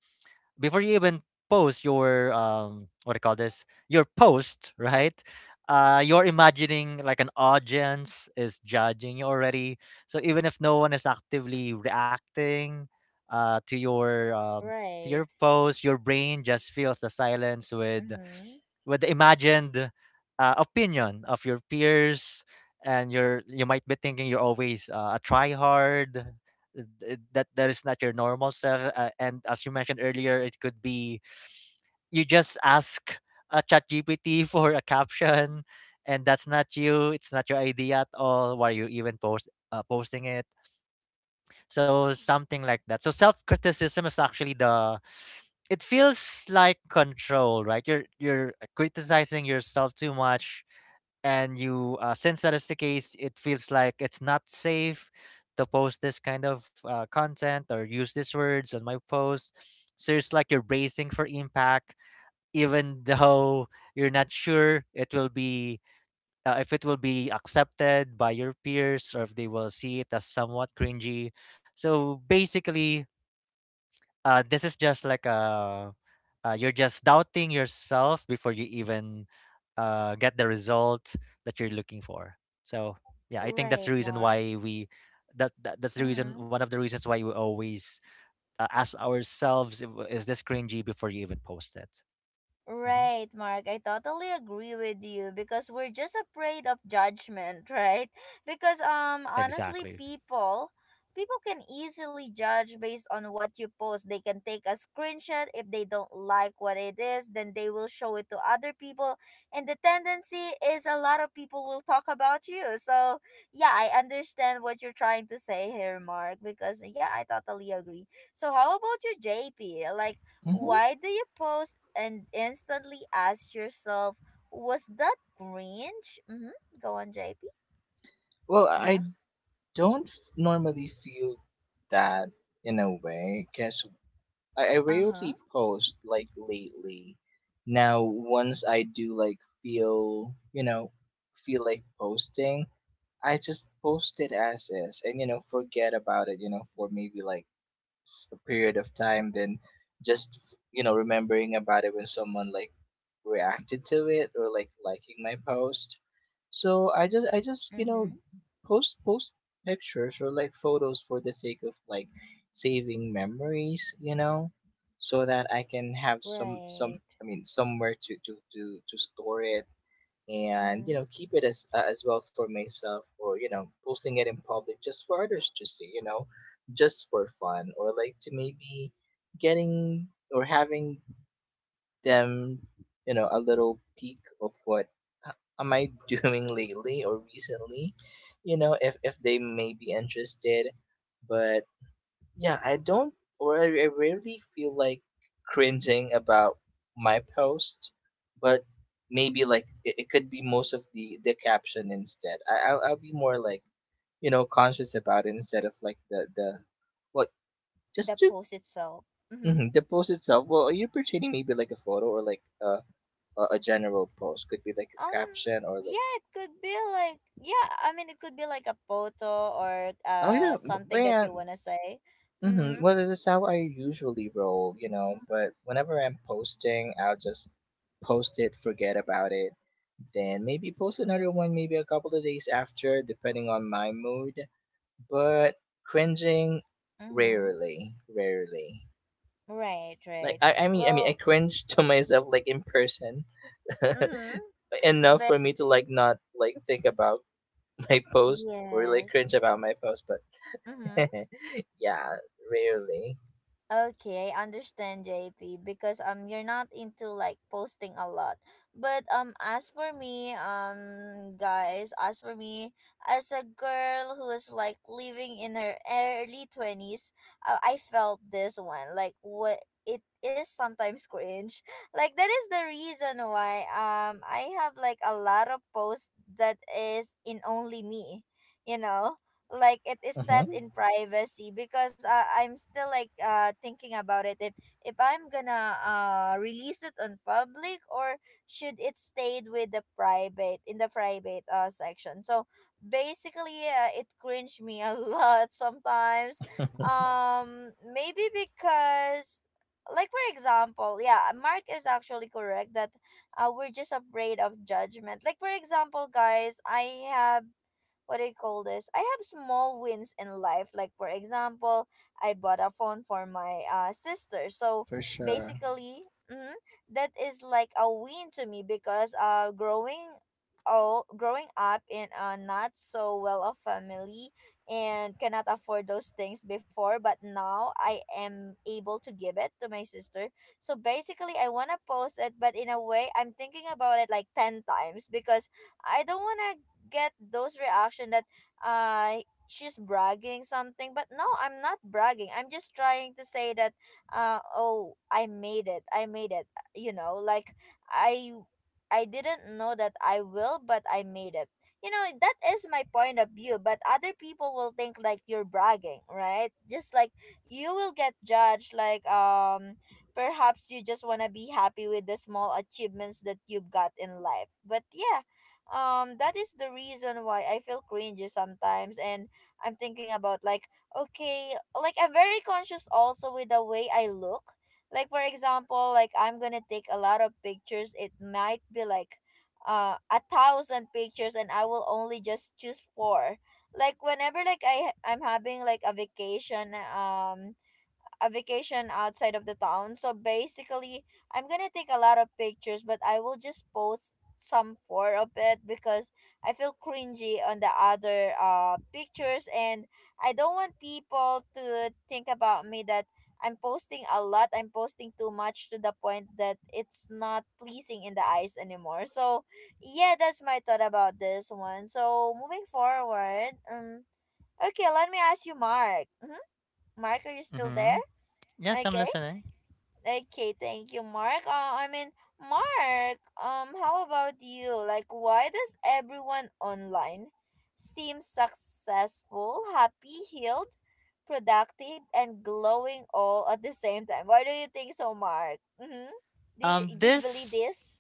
Speaker 2: before you even post your what do you call this, your post, right? You're imagining like an audience is judging you already. So even if no one is actively reacting uh to your um to
Speaker 1: Right.
Speaker 2: your post, your brain just fills the silence
Speaker 1: Mm-hmm.
Speaker 2: with the imagined opinion of your peers. And you're you might be thinking you're always a try hard, th- that that is not your normal self. And as you mentioned earlier, it could be you just ask a chat gpt for a caption, and that's not you, it's not your idea at all, why are you even posting it? So something like that. So self criticism is actually the it feels like control, right? You're criticizing yourself too much, and you since that is the case, it feels like it's not safe to post this kind of content or use these words on my post. So it's like you're bracing for impact, even though you're not sure it will be if it will be accepted by your peers, or if they will see it as somewhat cringy. So basically, this is just like a you're just doubting yourself before you even get the result that you're looking for. So yeah, I think that's
Speaker 1: Right,
Speaker 2: the reason
Speaker 1: Mark.
Speaker 2: why we that, that that's the reason,
Speaker 1: Mm-hmm.
Speaker 2: one of the reasons why we always ask ourselves if, is this cringy before you even post it. Hmm.
Speaker 1: Right, Mark. I totally agree with you because we're just afraid of judgment, right? Because honestly,
Speaker 2: Exactly.
Speaker 1: people can easily judge based on what you post. They can take a screenshot if they don't like what it is, then they will show it to other people, and the tendency is a lot of people will talk about you. So yeah, I understand what you're trying to say here, Mark, because yeah, I totally agree. So, how about you, JP? Like,
Speaker 3: Mm-hmm.
Speaker 1: why do you pause and instantly ask yourself, was that grinch? Mm-hmm. Go on, JP.
Speaker 3: Well, I
Speaker 1: Yeah.
Speaker 3: don't normally feel that in a way, because I
Speaker 1: Uh huh.
Speaker 3: rarely post like lately. Now, once I do like feel, you know, feel like posting, I just post it as is and, you know, forget about it, you know, for maybe like period of time, than just, you know, remembering about it when someone like reacted to it or like liking my post. So I just, you know,
Speaker 1: Mm-hmm.
Speaker 3: post pictures or like photos for the sake of like saving memories, you know, so that I can have some,
Speaker 1: Right.
Speaker 3: I mean, somewhere to to store it, and, you
Speaker 1: Mm-hmm.
Speaker 3: know, keep it as well for myself, or, you know, posting it in public just for others to see, you know, just for fun, or like to maybe getting or having them, you know, a little peek of what h- am I doing lately or recently, you know, if they may be interested. But yeah, I don't, or I rarely feel like cringing about my post. But maybe like it could be most of the caption instead. I'll be more like, you know, conscious about it instead of like the what,
Speaker 1: The
Speaker 3: just to,
Speaker 1: post itself.
Speaker 3: mhm, the post itself. Well, are you portraying maybe like a photo or like a general post? Could be like a
Speaker 1: Um,
Speaker 3: caption or like,
Speaker 1: yeah, it could be like, yeah, I mean, it could be like a photo or
Speaker 3: oh yeah,
Speaker 1: something that you
Speaker 3: man,
Speaker 1: want to say. Mm-hmm.
Speaker 3: mm-hmm. Well, this how I usually roll, you know, but whenever I'm posting, I'll just post it, forget about it, then maybe post another one maybe a couple of days after, depending on my mood. But cringing,
Speaker 1: Mm-hmm.
Speaker 3: rarely, rarely.
Speaker 1: Right,
Speaker 3: Like
Speaker 1: right.
Speaker 3: I mean, I
Speaker 1: Well,
Speaker 3: cringe to myself like in person
Speaker 1: mm-hmm.
Speaker 3: enough
Speaker 1: But
Speaker 3: for me to like not like think about my post or like
Speaker 1: yes.
Speaker 3: cringe about my post. But
Speaker 1: Mm-hmm.
Speaker 3: yeah, rarely.
Speaker 1: Okay, I understand, JP, because you're not into like posting a lot. But as for me, guys, as for me, as a girl who is like living in her early 20s, I felt this one. Like what it is sometimes cringe. Like that is the reason why I have like a lot of posts that is in only me, you know? Like it is set
Speaker 3: Mm-hmm.
Speaker 1: in privacy because I'm still like thinking about it if I'm gonna release it on public or should it stayed with the private in the private section. So basically it cringed me a lot sometimes. Um, maybe because like for example, yeah, Mark is actually correct that we're just afraid of judgment. Like for example, guys, I have, what do you call this, I have small wins in life. Like for example, I bought a phone for my sister. So
Speaker 3: For sure.
Speaker 1: basically, mm, that is like a win to me because growing up in a not so well off family and cannot afford those things before, but now I am able to give it to my sister. So basically I wanna post it, but in a way I'm thinking about it like ten times because I don't wanna get those reaction that uh she's bragging something. But no, I'm not bragging, I'm just trying to say that oh I made it. you know like i I didn't know that I will, but I made it. You know, that is my point of view, but other people will think like you're bragging, right? Just like you will get judged. Like perhaps you just want to be happy with the small achievements that you've got in life, but yeah, that is the reason why I feel cringy sometimes. And I'm thinking about like, okay, like I'm very conscious also with the way I look. Like for example, like I'm gonna take a lot of pictures, it might be like a thousand pictures, and I will only just choose four. Like whenever like I'm having like a vacation, a vacation outside of the town. So basically, I'm gonna take a lot of pictures, but I will just post some four of it because I feel cringy on the other pictures, and I don't want people to think about me that I'm posting a lot. I'm posting too much to the point that it's not pleasing in the eyes anymore. So yeah, that's my thought about this one. So moving forward, okay, let me ask you, Mark. Mm-hmm. Mark, are you still
Speaker 2: Hmm.
Speaker 1: there?
Speaker 2: Yes, I'm
Speaker 1: Okay.
Speaker 2: listening.
Speaker 1: Okay, thank you, Mark. I mean, Mark, how about you? Like, why does everyone online seem successful, happy, healed, productive, and glowing all at the same time? Why do you think so, Mark? Mm-hmm. Do you, do you believe
Speaker 2: This
Speaker 1: this?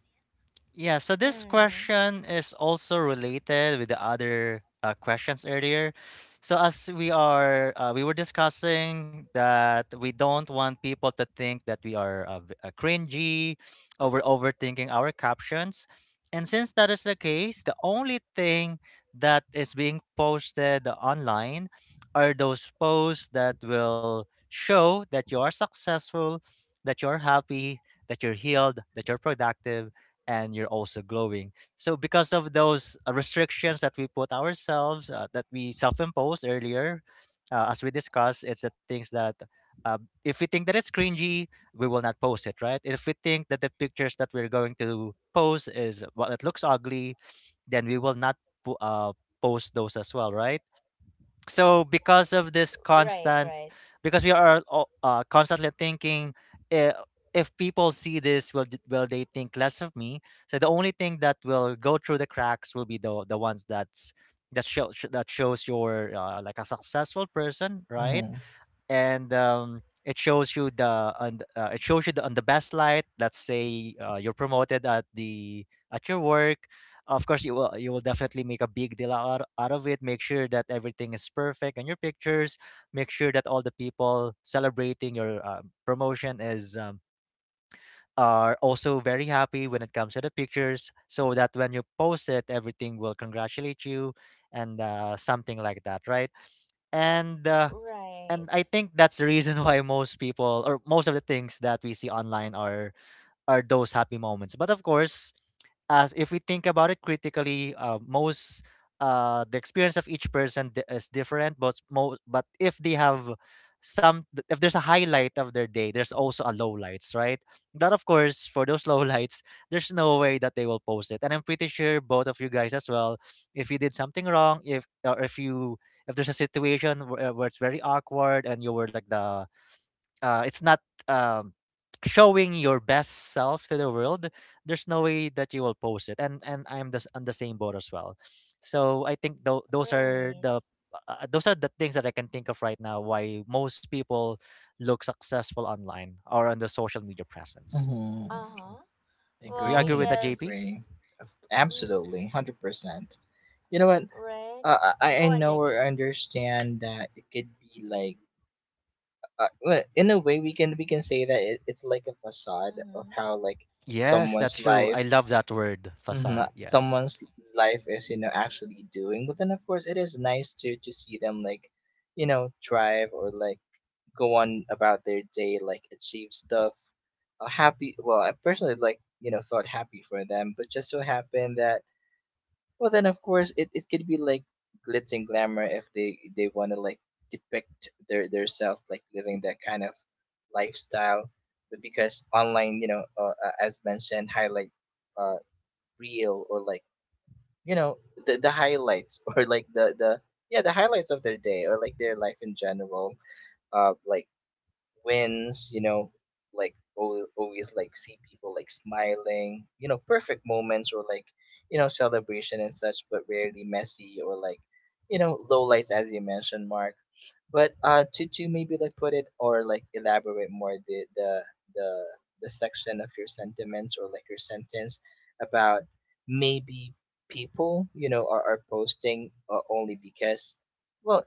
Speaker 2: yeah, so this
Speaker 1: Mm,
Speaker 2: question is also related with the other questions earlier. So as we are we were discussing that we don't want people to think that we are cringy or we're overthinking our captions. And since that is the case, the only thing that is being posted online are those posts that will show that you are successful, that you're happy, that you're healed, that you're productive, and you're also glowing. So because of those restrictions that we put ourselves, that we self-impose earlier, as we discussed, it's the things that uh, if we think that it's cringy, we will not post it, right? If we think that the pictures that we're going to post is, well, it looks ugly, then we will not po- uh, post those as well, right? So because of this
Speaker 1: right,
Speaker 2: constant,
Speaker 1: right,
Speaker 2: because we are all, constantly thinking, uh, if people see this, will will they think less of me, so the only thing that will go through the cracks will be the ones that's that shows you're like a successful person, right?
Speaker 3: Mhm.
Speaker 2: And it shows you the it shows you the on the best light. Let's say you're promoted at the at your work. Of course, you will, you will definitely make a big deal out of it. Make sure that everything is perfect in your pictures. Make sure that all the people celebrating your promotion is, are also very happy when it comes to the pictures, so that when you post it, everything will congratulate you and something like that, right? And uh,
Speaker 1: right,
Speaker 2: and I think that's the reason why most people or most of the things that we see online are those happy moments. But of course, as if we think about it critically, most the experience of each person is different. But if they have some, if there's a highlight of their day, there's also a low lights, right? That of course, for those low lights, there's no way that they will post it. And I'm pretty sure both of you guys as well. If you did something wrong, if you, if there's a situation where it's very awkward and you were like the it's not, um, showing your best self to the world, there's no way that you will post it. And I'm the, on the same boat as well. So I think
Speaker 1: right.
Speaker 2: those are the things that I can think of right now why most people look successful online or on the social media presence.
Speaker 3: Mhm.
Speaker 1: Uh-huh.
Speaker 2: Do you
Speaker 1: Well,
Speaker 2: agree with that,
Speaker 3: Agree.
Speaker 1: yes.
Speaker 2: JP?
Speaker 3: Agree. Of-
Speaker 1: Mm,
Speaker 3: absolutely. 100%. You know what?
Speaker 1: right. Mm, go
Speaker 3: I
Speaker 1: on,
Speaker 3: know
Speaker 1: JP.
Speaker 3: or understand that it could be like, well, in a way we can say that it's like a facade of
Speaker 1: Mm-hmm.
Speaker 3: how like
Speaker 2: Yes,
Speaker 3: someone's
Speaker 2: that's true. I
Speaker 3: life,
Speaker 2: love that word
Speaker 3: mhm,
Speaker 2: facade. Yes.
Speaker 3: someone's life is, you know, actually doing. But then of course it is nice to see them like, you know, thrive, or like go on about their day, like achieve stuff. Happy. Well, I personally like, you know, thought happy for them, but just so happened that, well, then of course it could be like glitz and glamour if they want to like depict their self like living that kind of lifestyle. But because online, you know, as mentioned, highlight uh real, or like, you know, the highlights or like the, yeah, the highlights of their day or like their life in general, uh, like wins, you know, like always like see people like smiling, you know, perfect moments, or like, you know, celebration and such, but rarely messy, or like, you know, low lights as you mentioned, Mark. But uh, to maybe like put it, or like elaborate more the the section of your sentiments, or like your sentence about maybe people, you know, are posting, only because, well,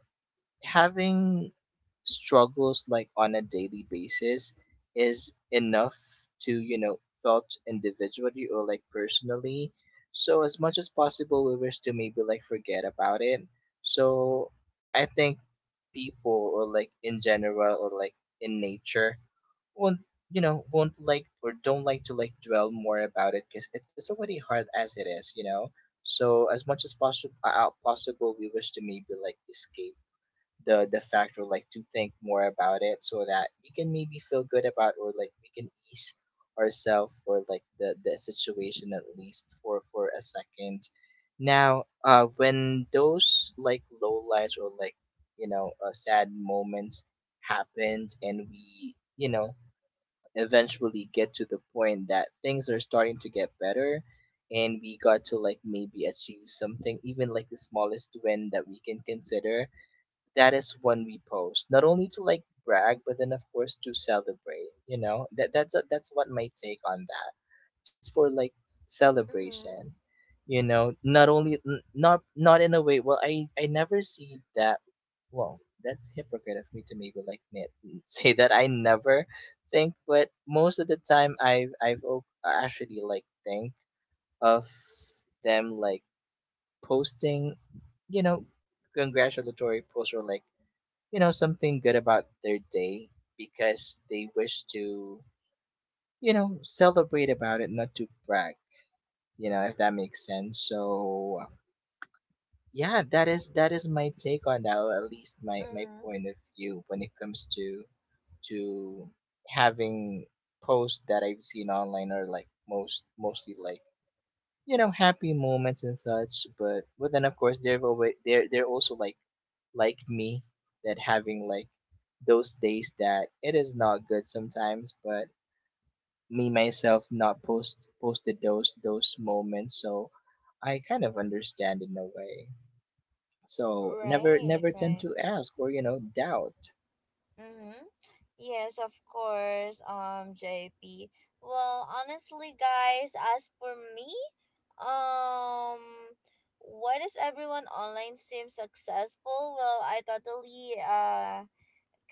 Speaker 3: having struggles like on a daily basis is enough to, you know, felt individually or like personally. So as much as possible, we wish to maybe like forget about it. So I think people, or like in general, or like in nature, won't, you know, won't like, or don't like to like dwell more about it, because it's already hard as it is, you know. So as much as possible, we wish to maybe like escape the factor, like to think more about it, so that we can maybe feel good about, or like we can ease ourselves, or like the situation, at least for a second. Now uh, when those like low lights, or like, you know, sad moments happened, and we, you know, eventually get to the point that things are starting to get better, and we got to like maybe achieve something, even like the smallest win that we can consider, that is when we post, not only to like brag, but then of course to celebrate, you know. That that's what my take on that, just for like
Speaker 1: Mm-hmm.
Speaker 3: celebration, you know, not only, not in a way, well, I never see that. Well, that's hypocrite of me to maybe like admit, say that I never think. But most of the time, I've actually like think of them like posting, you know, congratulatory posts, or like, you know, something good about their day, because they wish to, you know, celebrate about it, not to brag, you know, if that makes sense. So yeah, that is my take on that, or at least my
Speaker 1: Mm-hmm.
Speaker 3: point of view when it comes to to having posts that I've seen online, or like most, mostly like, you know, happy moments and such. But then of course, they're always, they're also like me, that having like those days that it is not good sometimes. But me myself not posted those moments. So I kind of understand in a way, so never,
Speaker 1: Right,
Speaker 3: never tend
Speaker 1: right.
Speaker 3: to ask or, you know, doubt.
Speaker 1: Mm-hmm. Yes, of course, JP. Well, honestly, guys, as for me, um, why does everyone online seem successful? Well, I totally,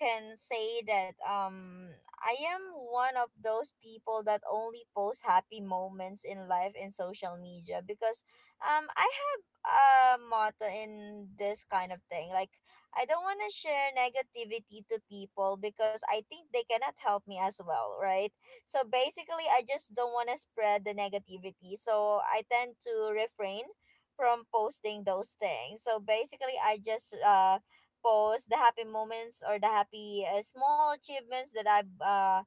Speaker 1: can say that I am one of those people that only post happy moments in life in social media because I have a motto in this kind of thing. Like I don't want to share negativity to people because I think they cannot help me as well, right? So basically I just don't want to spread the negativity. So I tend to refrain from posting those things. So basically I just post the happy moments or the happy small achievements that I've uh,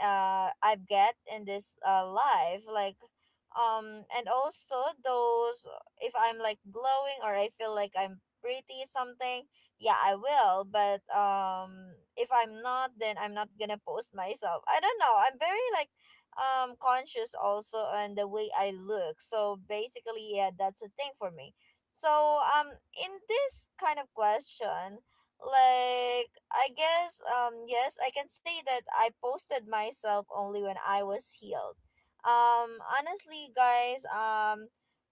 Speaker 1: uh, I've get in this life. Like and also those, if I'm like glowing or I feel like I'm pretty something, yeah I will. But if I'm not, then I'm not gonna post myself. I don't know, I'm very like conscious also on the way I look. So basically, yeah, that's a thing for me. So in this kind of question, like I guess, yes, I can say that I posted myself only when I was healed. Honestly guys,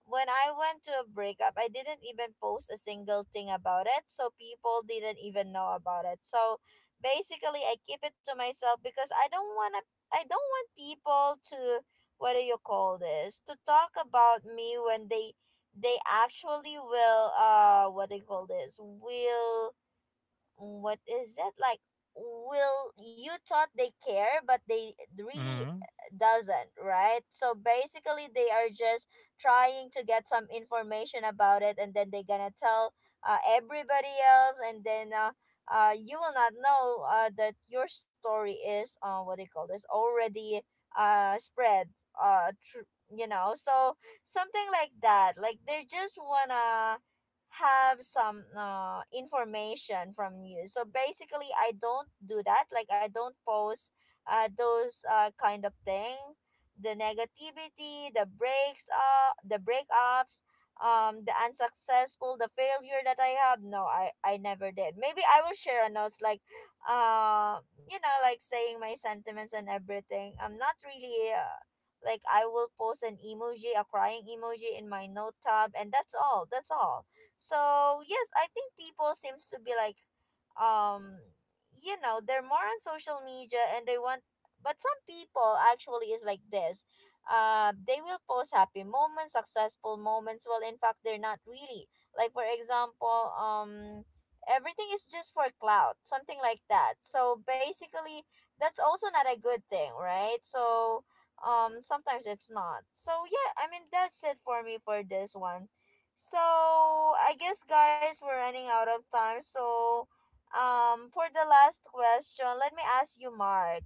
Speaker 1: when I went to a breakup, I didn't even post a single thing about it, so people didn't even know about it. So basically I keep it to myself because I don't want to, I don't want people to, what do you call this, to talk about me. When they actually will, what do you call this, will, what is that like, will, you thought they care but they really
Speaker 2: Mm-hmm.
Speaker 1: doesn't, right? So basically they are just trying to get some information about it, and then they gonna tell everybody else, and then you will not know that your story is, what do you call this, already spread, uh, tr- you know. So something like that, like they just wanna have some information from you. So basically, I don't do that. Like I don't post those kind of thing, the negativity, the breaks up, the breakups, the unsuccessful, the failure that I have. No, I never did. Maybe I will share a notes like, you know, like saying my sentiments and everything. I'm not really. Like I will post an emoji, a crying emoji in my note tab, and that's all. That's all. So yes, I think people seems to be like, um, you know, they're more on social media and they want. But some people actually is like this. They will post happy moments, successful moments. Well, in fact, they're not really. Like for example, everything is just for clout, something like that. So basically, that's also not a good thing, right? So sometimes it's not. So yeah, I mean, that's it for me for this one. So I guess guys we're running out of time. So for the last question, let me ask you Mark.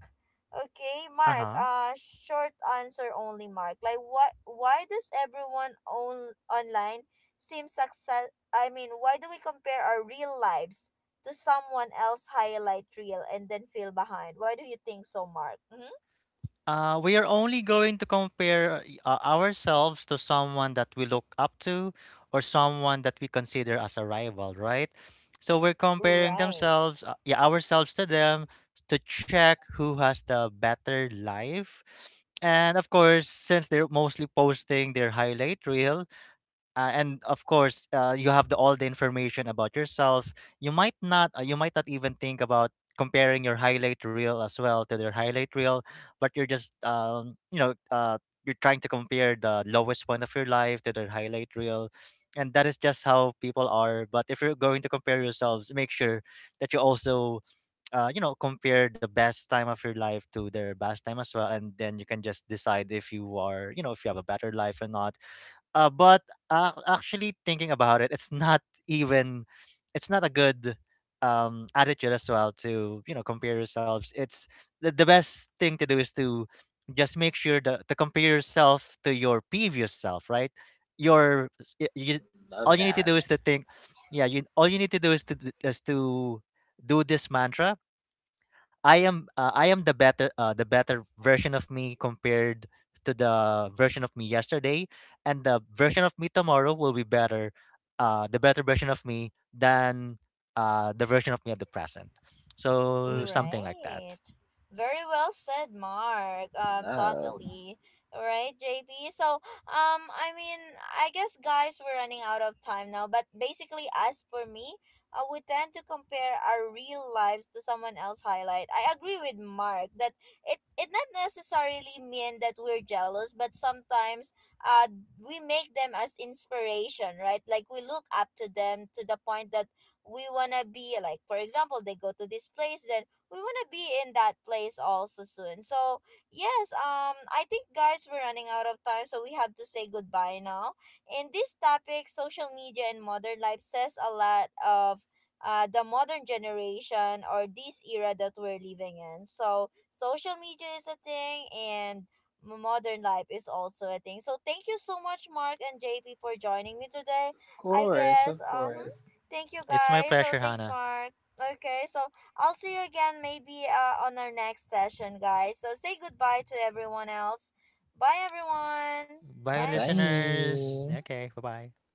Speaker 1: Okay,
Speaker 2: Uh
Speaker 1: Mark,
Speaker 2: huh.
Speaker 1: short answer only Mark. Like what, why does everyone on online seem success, I mean, why do we compare our real lives to someone else highlight reel and then feel behind? Why do you think so, Mark? Mm-hmm.
Speaker 2: We are only going to compare ourselves to someone that we look up to or someone that we consider as a rival, right? So we're comparing
Speaker 1: Right.
Speaker 2: themselves, yeah, ourselves to them to check who has the better life. And of course, since they're mostly posting their highlight reel, and of course you have the all the information about yourself, you might not, you might not even think about comparing your highlight reel as well to their highlight reel, but you're just you know, you're trying to compare the lowest point of your life to their highlight reel, and that is just how people are. But if you're going to compare yourselves, make sure that you also you know, compare the best time of your life to their best time as well, and then you can just decide if you are, you know, if you have a better life or not. Uh, but ac actually thinking about it, it's not even, it's not a good attitude as well to, you know, compare yourselves. It's the best thing to do is to just make sure that to compare yourself to your previous self, right? Your you,
Speaker 3: Love
Speaker 2: all you need to
Speaker 3: that.
Speaker 2: do is to think, yeah, you, all you need to do is is to do this mantra. I am, I am the better, the better version of me compared to the version of me yesterday, and the version of me tomorrow will be better, the better version of me than the version of me at the present. So
Speaker 3: Hmm.
Speaker 2: something like that.
Speaker 1: Right. Very well said, Mark.
Speaker 3: Love.
Speaker 1: Totally. Right, JP. So, I mean, I guess guys, we're running out of time now. But basically, as for me, we tend to compare our real lives to someone else's highlight. I agree with Mark that it not necessarily mean that we're jealous, but sometimes, uh, we make them as inspiration, right? Like we look up to them to the point that we want to be like, for example, they go to this place, then we want to be in that place also soon. So yes, I think guys we're running out of time, so we have to say goodbye now. In this topic, social media and modern life says a lot of the modern generation or this era that we're living in. So social media is a thing, and modern life is also a thing. So thank you so much Mark and JP for joining me today.
Speaker 3: Of
Speaker 1: I
Speaker 3: course,
Speaker 1: guess
Speaker 3: of course.
Speaker 1: thank you
Speaker 2: It's my
Speaker 1: guys. So
Speaker 2: pleasure,
Speaker 1: thanks
Speaker 2: Hannah.
Speaker 1: Mark. Okay, so I'll see you again maybe on our next session, guys. So say goodbye to everyone else. Bye everyone.
Speaker 2: Bye,
Speaker 1: Bye.
Speaker 2: listeners.
Speaker 3: Bye.
Speaker 2: Okay, bye bye.